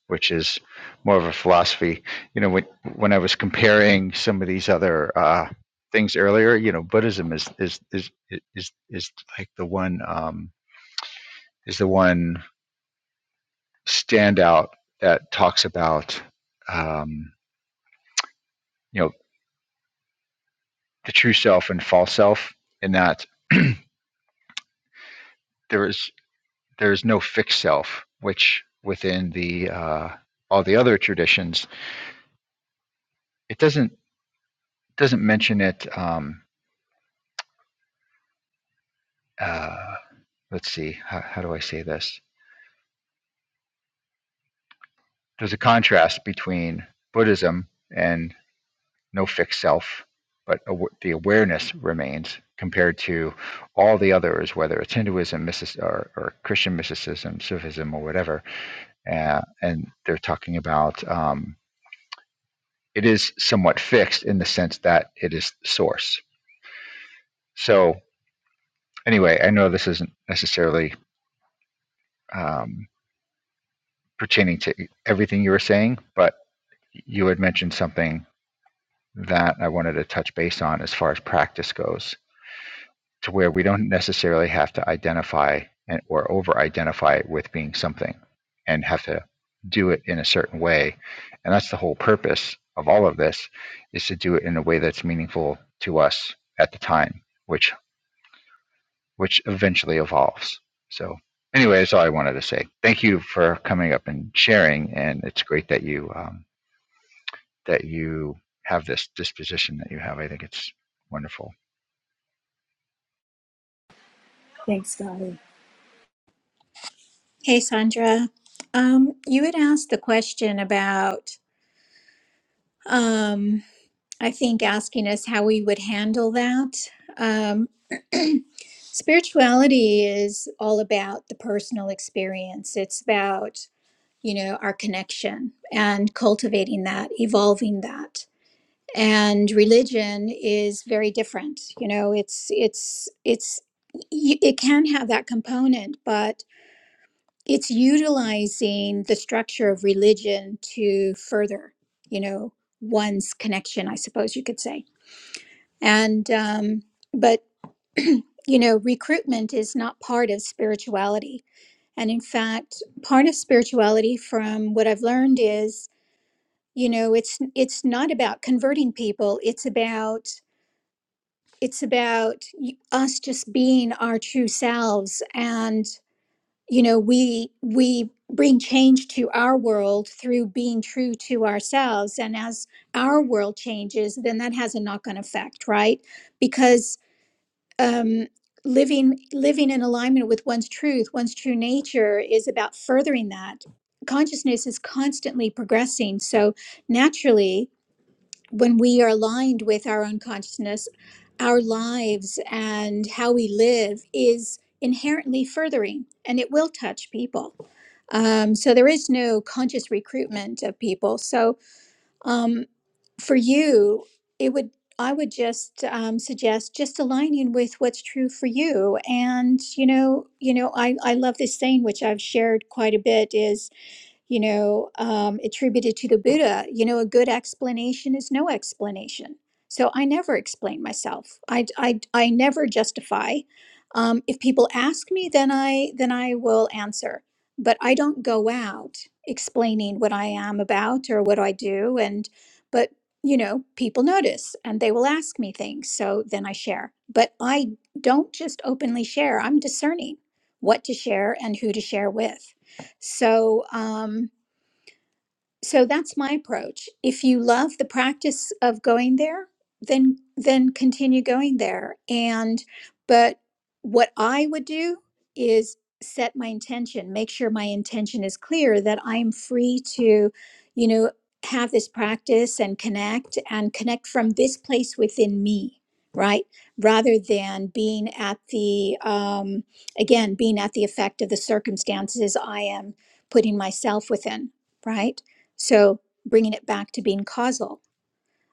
[SPEAKER 1] which is more of a philosophy. You know, when when I was comparing some of these other uh, things earlier, you know, Buddhism is is is is is like the one um, is the one standout that talks about um, you know the true self and false self, and that *clears throat* there is there's no fixed self, which within the uh, all the other traditions, it doesn't doesn't mention it. Um, uh, let's see, how, how do I say this? There's a contrast between Buddhism and no fixed self, but aw- the awareness remains compared to all the others, whether it's Hinduism, mystic, or, or Christian mysticism, Sufism, or whatever. Uh, and they're talking about um, it is somewhat fixed in the sense that it is source So anyway, I know this isn't necessarily um, pertaining to e-, everything you were saying, but you had mentioned something that I wanted to touch base on as far as practice goes, to where we don't necessarily have to identify and, or over-identify it with being something, and have to do it in a certain way. And that's the whole purpose of all of this, is to do it in a way that's meaningful to us at the time, which. which eventually evolves. So anyway, that's all I wanted to say. Thank you for coming up and sharing, and it's great that you um, that you have this disposition that you have. I think it's wonderful.
[SPEAKER 4] Thanks, Scotty.
[SPEAKER 2] Hey, Sandra. Um, you had asked the question about, um, I think, asking us how we would handle that. Um, spirituality is all about the personal experience, it's about, you know, our connection and cultivating that, evolving that. And religion is very different. You know, it's, it's, it's, y- it can have that component, but it's utilizing the structure of religion to further you know one's connection i suppose you could say and um, but you know recruitment is not part of spirituality and in fact part of spirituality from what i've learned is you know it's it's not about converting people it's about it's about y- us just being our true selves and you know we we bring change to our world through being true to ourselves and as our world changes then that has a knock-on effect right because um living living in alignment with one's truth one's true nature is about furthering that consciousness is constantly progressing so naturally when we are aligned with our own consciousness our lives and how we live is inherently furthering and it will touch people um, so there is no conscious recruitment of people. So um, for you, it would I would just um, suggest just aligning with what's true for you. And you know, you know, I I love this saying which I've shared quite a bit is you know, um, attributed to the Buddha, you know, a good explanation is no explanation. So I never explain myself. I, I, I never justify. Um, if people ask me, then I then I will answer. But I don't go out explaining what I am about or what I do. And but you know, people notice and they will ask me things. So then I share. But I don't just openly share. I'm discerning what to share and who to share with. So. Um, so that's my approach if you love the practice of going there then then continue going there and but what i would do is set my intention make sure my intention is clear that i'm free to you know have this practice and connect and connect from this place within me right rather than being at the um again being at the effect of the circumstances i am putting myself within right so bringing it back to being causal.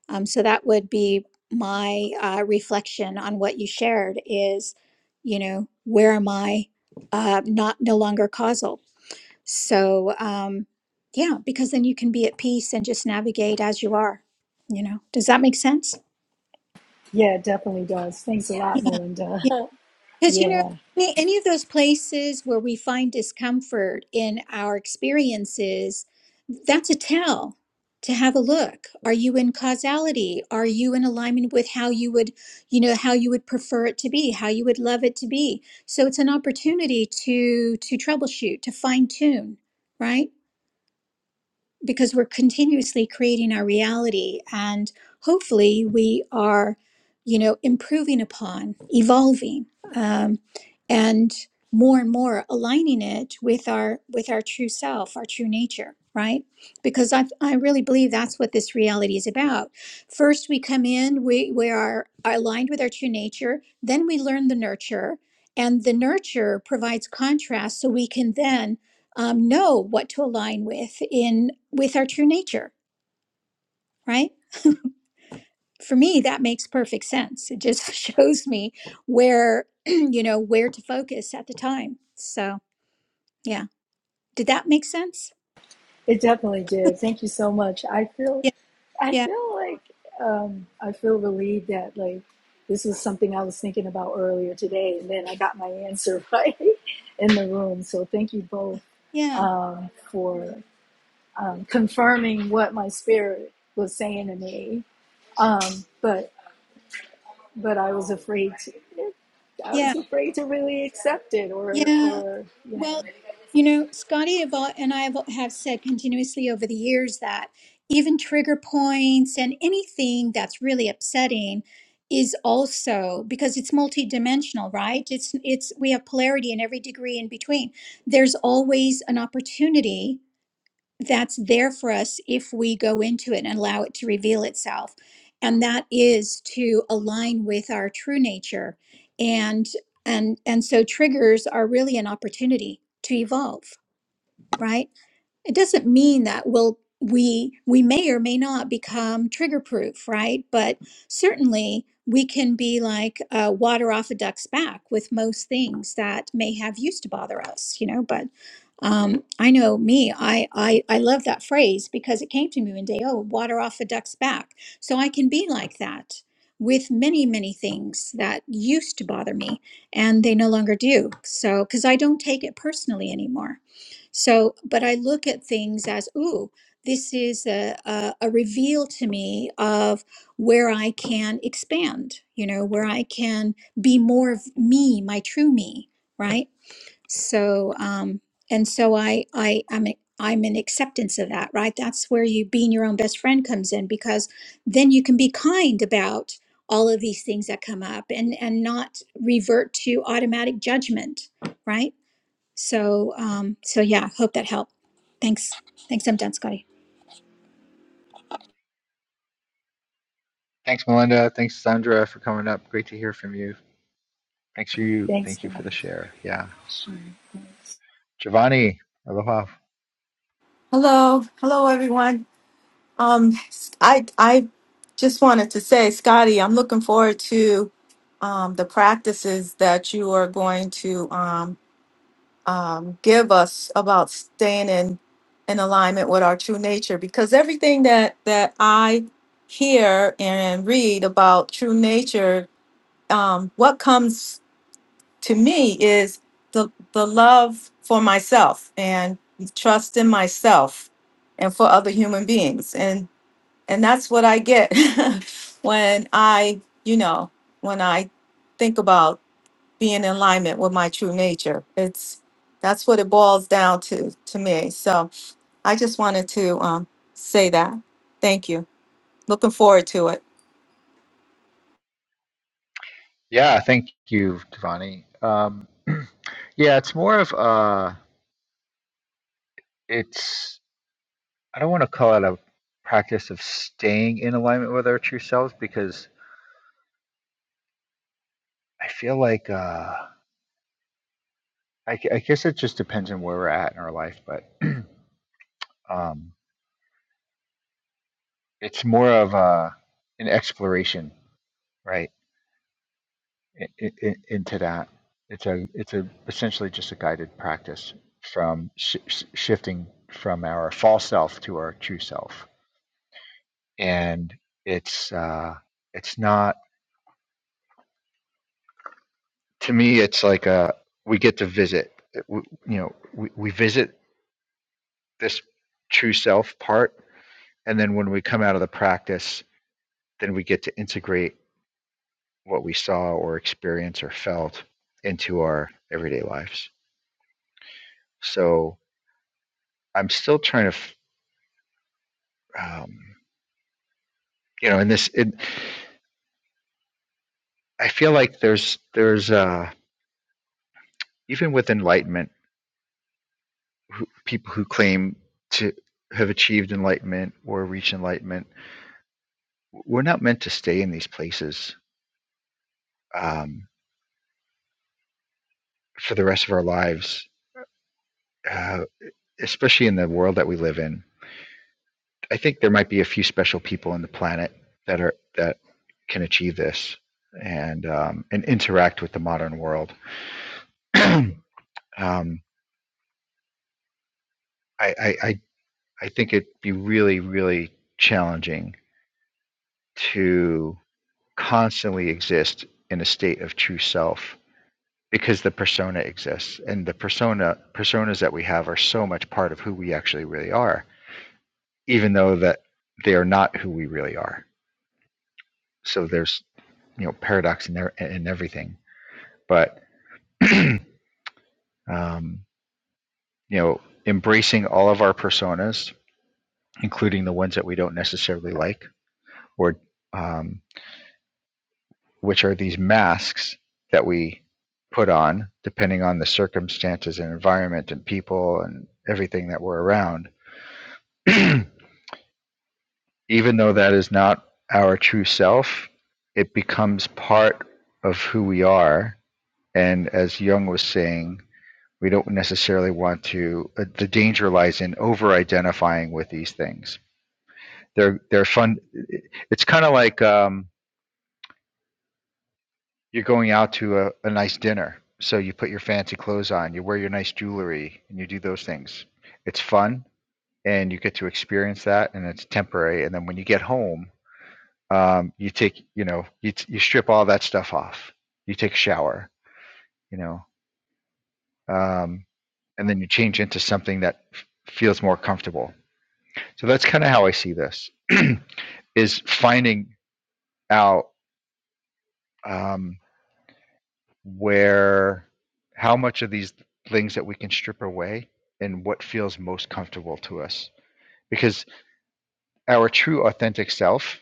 [SPEAKER 2] Um, so that would be my uh, reflection on what you shared is, you know, where am I uh, not no longer causal? So um, yeah, because then you can be at peace and just navigate as you are. You know, does that make sense?
[SPEAKER 4] Yeah, it definitely does. Thanks a
[SPEAKER 2] Yeah.
[SPEAKER 4] lot, Melinda. *laughs*
[SPEAKER 2] Because, you know,
[SPEAKER 4] Yeah,
[SPEAKER 2] any, any of those places where we find discomfort in our experiences, that's a tell to have a look. Are you in causality? Are you in alignment with how you would, you know, how you would prefer it to be, how you would love it to be? So it's an opportunity to to troubleshoot, to fine tune, right? because we're continuously creating our reality and hopefully we are you know improving upon evolving um, and more and more aligning it with our with our true self our true nature right because i i really believe that's what this reality is about first we come in we we are, are aligned with our true nature then we learn the nurture and the nurture provides contrast so we can then um, know what to align with in with our true nature right for me that makes perfect sense it just *laughs* shows me where *clears throat* you know where to focus at the time so yeah did that make sense
[SPEAKER 4] it definitely did. Thank you so much. I feel,
[SPEAKER 2] yeah
[SPEAKER 4] I
[SPEAKER 2] yeah
[SPEAKER 4] feel like, um, I feel relieved that like this was something I was thinking about earlier today, and then I got my answer *laughs* right in the room. So thank you both
[SPEAKER 2] yeah
[SPEAKER 4] um, for um, confirming what my spirit was saying to me. um, but but I was afraid to, I was
[SPEAKER 2] yeah
[SPEAKER 4] afraid to really accept it or
[SPEAKER 2] yeah
[SPEAKER 4] or you know
[SPEAKER 2] Well, you know, Scotty have all, and I have have said continuously over the years that even trigger points and anything that's really upsetting is also because it's multidimensional, right? It's it's we have polarity in every degree in between. There's always an opportunity that's there for us if we go into it and allow it to reveal itself. And that is to align with our true nature. And and and so triggers are really an opportunity to evolve, right? it doesn't mean that we'll we we may or may not become trigger proof right but certainly we can be like uh, water off a duck's back with most things that may have used to bother us you know but um, i know me I, I i love that phrase because it came to me one day oh water off a duck's back so i can be like that with many many things that used to bother me and they no longer do so because i don't take it personally anymore so, but I look at things as, ooh, this is a, a, a reveal to me of where I can expand, you know, where I can be more of me, my true me, right? So, um, and so I, I, I'm, a- I'm in acceptance of that, right? That's where you being your own best friend comes in because then you can be kind about all of these things that come up and and not revert to automatic judgment, right? So, um, so yeah, hope that helped. Thanks. Thanks. I'm done, Scotty.
[SPEAKER 1] Thanks, Melinda. Thanks, Sandra, for coming up. Great to hear from you. Thanks for you.
[SPEAKER 4] thanks
[SPEAKER 1] Thank you for
[SPEAKER 4] God
[SPEAKER 1] the share. Yeah, Giovanni, aloha.
[SPEAKER 5] Hello, hello everyone. Um, I I just wanted to say, Scotty, I'm looking forward to um, the practices that you are going to um, um, give us about staying in in alignment with our true nature, because everything that that I hear and read about true nature, um, what comes to me is the the love for myself and trust in myself and for other human beings and and that's what i get *laughs* when i you know when i think about being in alignment with my true nature it's that's what it boils down to to me so i just wanted to um, say that thank you looking forward to it
[SPEAKER 1] Yeah, thank you, Giovanni. Um, *clears throat* yeah, it's more of uh, it's. I don't want to call it a practice of staying in alignment with our true selves because I feel like uh, I, I guess it just depends on where we're at in our life, but *clears throat* um, it's more of a, an exploration, right, i i i- into that. It's a it's a essentially just a guided practice from sh- sh- shifting from our false self to our true self, and it's uh, it's not to me. It's like a we get to visit. We, you know, we, we visit this true self part, and then when we come out of the practice, then we get to integrate what we saw or experienced or felt into our everyday lives. So I'm still trying to, um, you know, in this, it, I feel like there's there's uh, even with enlightenment, who, people who claim to have achieved enlightenment or reach enlightenment, we're not meant to stay in these places um, for the rest of our lives, uh, especially in the world that we live in. I think there might be a few special people on the planet that are that can achieve this and um, and interact with the modern world. *clears throat* um, I, I I I think it'd be really really challenging to constantly exist in a state of true self because the persona exists and the persona personas that we have are so much part of who we actually really are even though that they are not who we really are so there's you know paradox in there in everything but *clears throat* um, you know, embracing all of our personas, including the ones that we don't necessarily like, or um, which are these masks that we put on depending on the circumstances and environment and people and everything that we're around. *clears throat* Even though that is not our true self, it becomes part of who we are. And as Jung was saying, we don't necessarily want to uh, the danger lies in over identifying with these things they're they're fun it's kind of like um, you're going out to a, a nice dinner so you put your fancy clothes on you wear your nice jewelry and you do those things it's fun and you get to experience that and it's temporary and then when you get home um, you take you know you, you strip all that stuff off you take a shower you know um, and then you change into something that f- feels more comfortable So that's kind of how I see this *clears throat* is finding out um, where how much of these things that we can strip away and what feels most comfortable to us because our true authentic self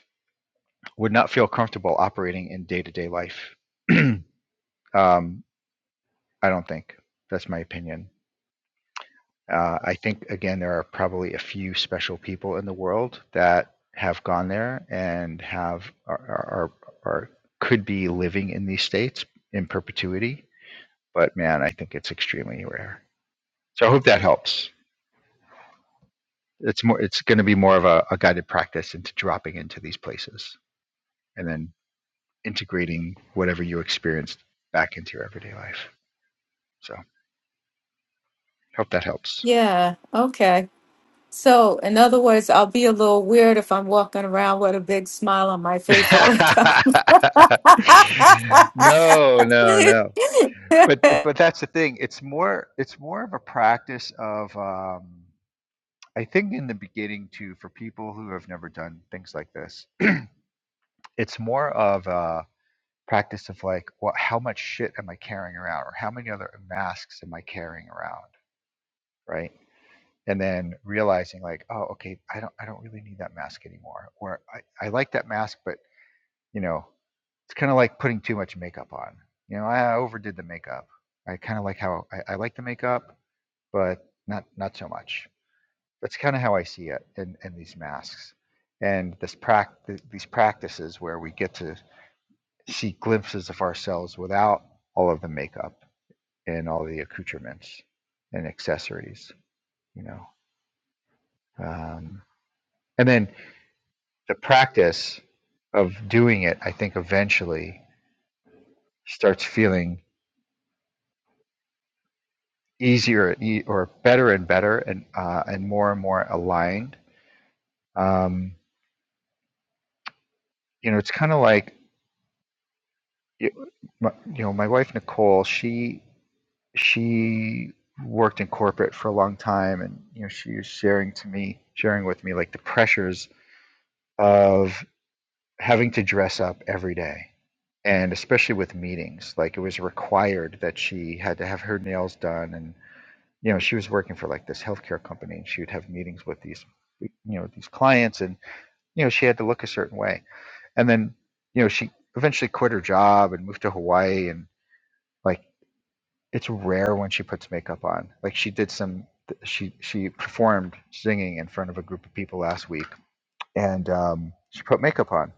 [SPEAKER 1] would not feel comfortable operating in day-to-day life *clears throat* um, i don't think that's my opinion Uh, I think again there are probably a few special people in the world that have gone there and have are are, are could be living in these states in perpetuity. But man, I think it's extremely rare. So I hope that helps. It's more it's going to be more of a, a guided practice into dropping into these places and then integrating whatever you experienced back into your everyday life. So hope that helps.
[SPEAKER 5] yeah okay So, in other words, I'll be a little weird if I'm walking around with a big smile on my face all the time.
[SPEAKER 1] *laughs* no, no, no. but but
[SPEAKER 5] *laughs*
[SPEAKER 1] that's the thing it's more it's more of a practice of um i think in the beginning too for people who have never done things like this it's more of a practice of like what how much shit am i carrying around or how many other masks am i carrying around right and then realizing like oh okay i don't i don't really need that mask anymore or i, I like that mask but you know it's kind of like putting too much makeup on you know i overdid the makeup i kind of like how I, I like the makeup but not not so much. That's kind of how I see it in, in these masks and this prac- these practices where we get to see glimpses of ourselves without all of the makeup and all the accoutrements and accessories, you know. Um, and then the practice of doing it, I think, eventually starts feeling easier e- or better and better and uh, and more and more aligned. Um, you know, it's kind of like you, my, you know, my wife Nicole, she she worked in corporate for a long time, and you know, she was sharing to me, sharing with me, like the pressures of having to dress up every day, and especially with meetings, like it was required that she had to have her nails done, and you know, she was working for like this healthcare company, and she would have meetings with these, you know, these clients, and you know, she had to look a certain way, and then you know, she eventually quit her job and moved to Hawaii, and like, It's rare when she puts makeup on. Like she did some, she she performed singing in front of a group of people last week, and um, she put makeup on,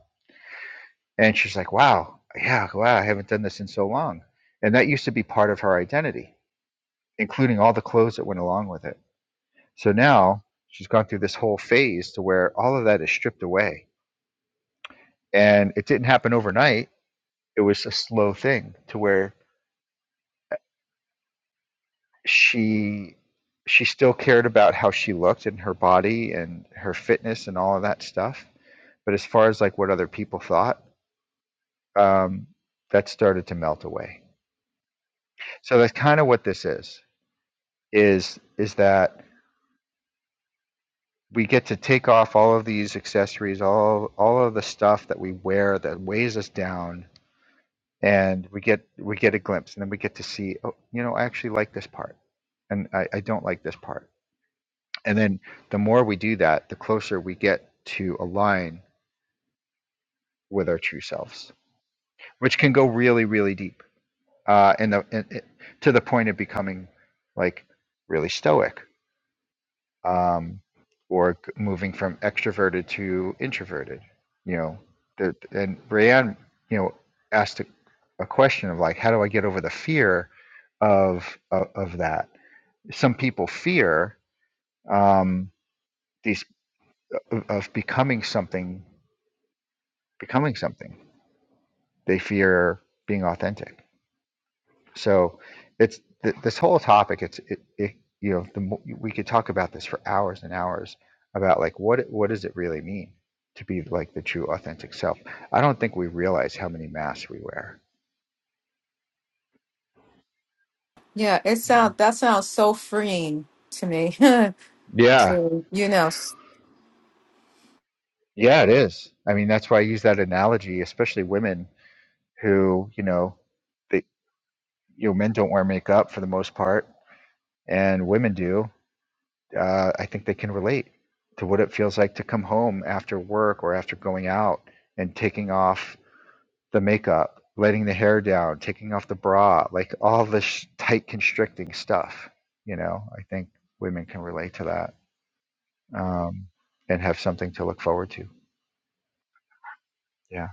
[SPEAKER 1] and she's like, "Wow, yeah, wow, I haven't done this in so long." And that used to be part of her identity, including all the clothes that went along with it. So now she's gone through this whole phase to where all of that is stripped away, and it didn't happen overnight. It was a slow thing to where she she still cared about how she looked and her body and her fitness and all of that stuff. But as far as like what other people thought, um, that started to melt away. So that's kind of what this is is is that we get to take off all of these accessories, all all of the stuff that we wear that weighs us down, and we get we get a glimpse, and then we get to see, oh, you know, I actually like this part, and I, I don't like this part And then the more we do that, the closer we get to align with our true selves, which can go really, really deep. Uh, and the and it, to the point of becoming like really stoic, um, or g- moving from extroverted to introverted. You know, the, and Rayanne, you know, asked a, a question of like, how do I get over the fear of of, of that? Some people fear um, these of, of becoming something becoming something. They fear being authentic. So it's th- this whole topic. It's it, it you know the mo- we could talk about this for hours and hours about like what it- what does it really mean to be like the true authentic self. I don't think we realize how many masks we wear.
[SPEAKER 5] yeah, it
[SPEAKER 1] You know.
[SPEAKER 5] sounds that sounds so freeing to me. *laughs* to
[SPEAKER 1] Yeah.
[SPEAKER 5] you know, s-
[SPEAKER 1] Yeah. It is. I mean, that's why I use that analogy, especially women who you know they you know men don't wear makeup for the most part, and women do uh, I think they can relate to what it feels like to come home after work or after going out and taking off the makeup, letting the hair down, taking off the bra, like all this tight constricting stuff. You know, I think women can relate to that um, and have something to look forward to. Yeah.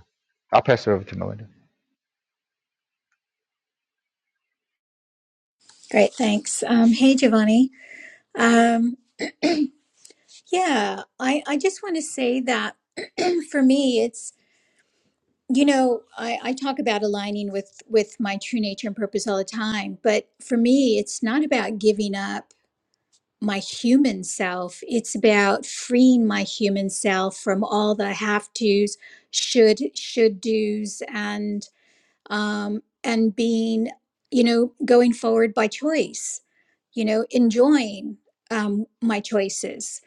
[SPEAKER 1] I'll pass it over to Melinda.
[SPEAKER 2] Great. Thanks. Um, hey, Giovanni. Um, yeah, I, I just want to say that *clears throat* for me, it's, you know, I, I talk about aligning with, with my true nature and purpose all the time, but for me, it's not about giving up my human self. It's about freeing my human self from all the have tos, should, should do's and, um, and being, you know, going forward by choice, you know, enjoying um, my choices.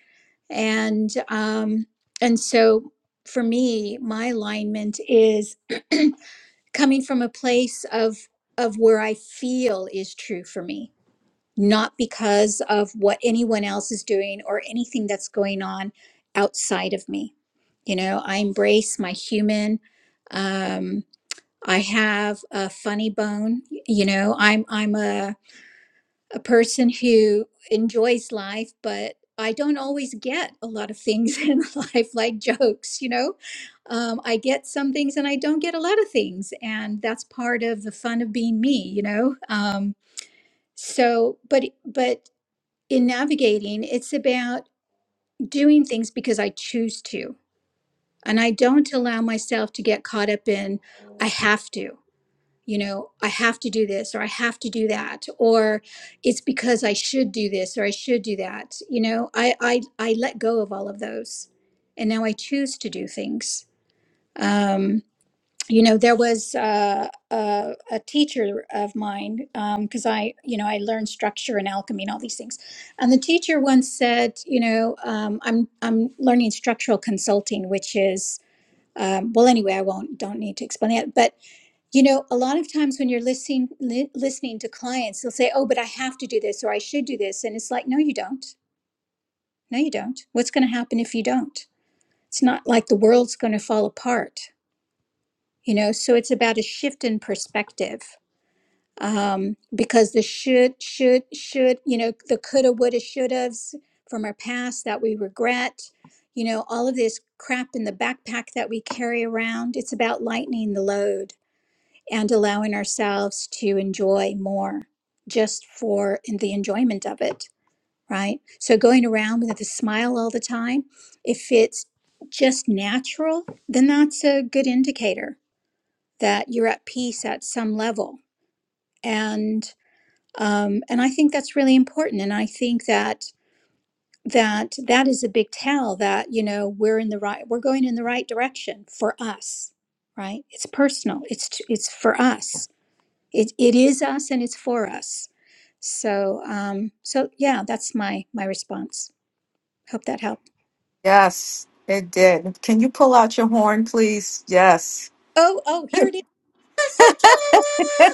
[SPEAKER 2] And um, and so for me, my alignment is *clears throat* coming from a place of of where I feel is true for me, not because of what anyone else is doing or anything that's going on outside of me. You know, I embrace my human. um, I have a funny bone. You know, I'm I'm a a person who enjoys life, but I don't always get a lot of things *laughs* in life, like jokes. You know, um, I get some things and I don't get a lot of things, and that's part of the fun of being me. You know, um, so but but in navigating, it's about doing things because I choose to, and I don't allow myself to get caught up in I have to. you know, I have to do this or I have to do that or it's because I should do this or I should do that. You know, I I I let go of all of those and now I choose to do things. Um you know, there was uh, a, a teacher of mine because I, you know, I learned structure and alchemy and all these things. And the teacher once said, you know, um, I'm I'm learning structural consulting, which is um, well, anyway, I won't don't need to explain that. But you know, a lot of times when you're listening li- listening to clients, they'll say, "Oh, but I have to do this or I should do this." And it's like, "No, you don't. No, you don't. What's going to happen if you don't?" It's not like the world's going to fall apart, you know? So it's about a shift in perspective. Um, because the should should should, you know, the coulda woulda shoulda's from our past that we regret, you know, all of this crap in the backpack that we carry around, it's about lightening the load and allowing ourselves to enjoy more just for the enjoyment of it, right? So going around with a smile all the time, if it's just natural, then that's a good indicator that you're at peace at some level. And um, and I think that's really important. And I think that that that is a big tell that you know we're in the right we're going in the right direction for us right it's personal it's t- it's for us it, it is us and it's for us so um so yeah that's my my response hope that helped
[SPEAKER 5] yes, it did. Can you pull out your horn, please? Yes.
[SPEAKER 2] oh oh here it is *laughs*
[SPEAKER 5] *laughs*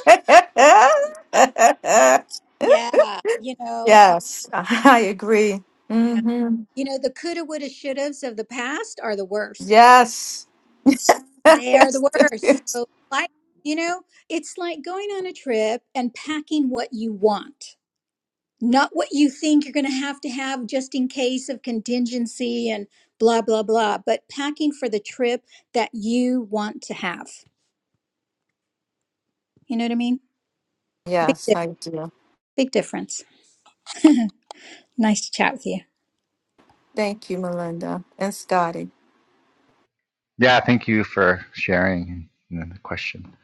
[SPEAKER 2] yeah you know um,
[SPEAKER 5] yes, I agree.
[SPEAKER 2] yeah
[SPEAKER 5] hmm
[SPEAKER 2] you know the coulda woulda shouldas of the past are the worst
[SPEAKER 5] Yes.
[SPEAKER 2] they are the
[SPEAKER 5] *laughs*
[SPEAKER 2] worst so like you know it's like going on a trip and packing what you want not what you think you're going to have to have just in case of contingency and blah blah blah but packing for the trip that you want to have you know what i mean big
[SPEAKER 5] yes,
[SPEAKER 2] di-
[SPEAKER 5] I do.
[SPEAKER 2] big difference nice to chat with you
[SPEAKER 5] Thank you, Melinda and Scotty.
[SPEAKER 1] Yeah. Thank you for sharing and then the question.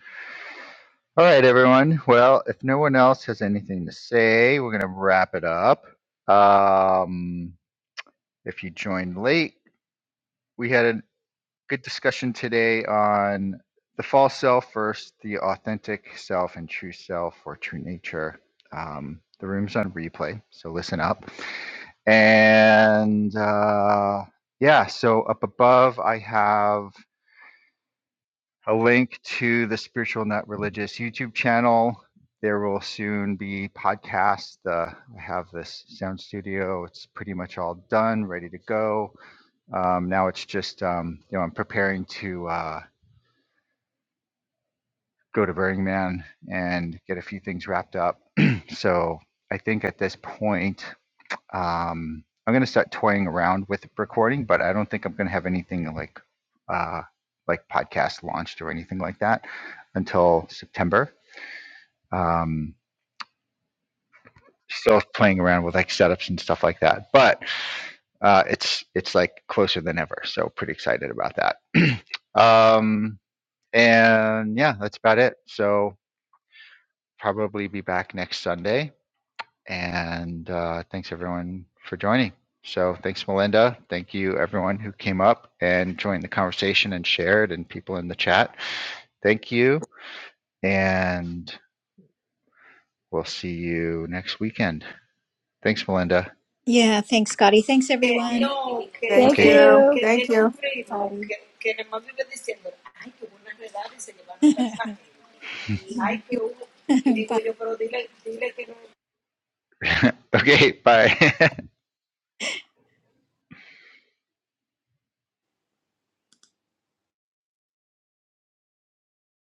[SPEAKER 1] All right, everyone. Well, if no one else has anything to say, we're going to wrap it up. Um, If you joined late, we had a good discussion today on the false self versus the authentic self and true self or true nature. Um, the room's on replay, so listen up. And uh, yeah, so up above, I have a link to the Spiritual Not Religious YouTube channel. There will soon be podcasts. Uh, I have this sound studio, it's pretty much all done, ready to go um, now it's just um, you know I'm preparing to uh, go to Burning Man and get a few things wrapped up. *clears throat* so I think at this point um, I'm going to start toying around with recording, but I don't think I'm going to have anything like uh, like podcast launched or anything like that until September. Um, still playing around with like setups and stuff like that, but uh, it's it's like closer than ever. So pretty excited about that. *clears throat* um, And yeah, that's about it. So probably be back next Sunday. And uh, thanks everyone for joining. So thanks, Melinda. Thank you, everyone who came up and joined the conversation and shared, and people in the chat. Thank you. And we'll see you next weekend. Thanks, Melinda.
[SPEAKER 2] yeah thanks scotty thanks everyone
[SPEAKER 5] Thank
[SPEAKER 1] Okay.
[SPEAKER 5] you. Thank you.
[SPEAKER 2] *laughs* bye
[SPEAKER 1] *laughs* okay. Bye. *laughs*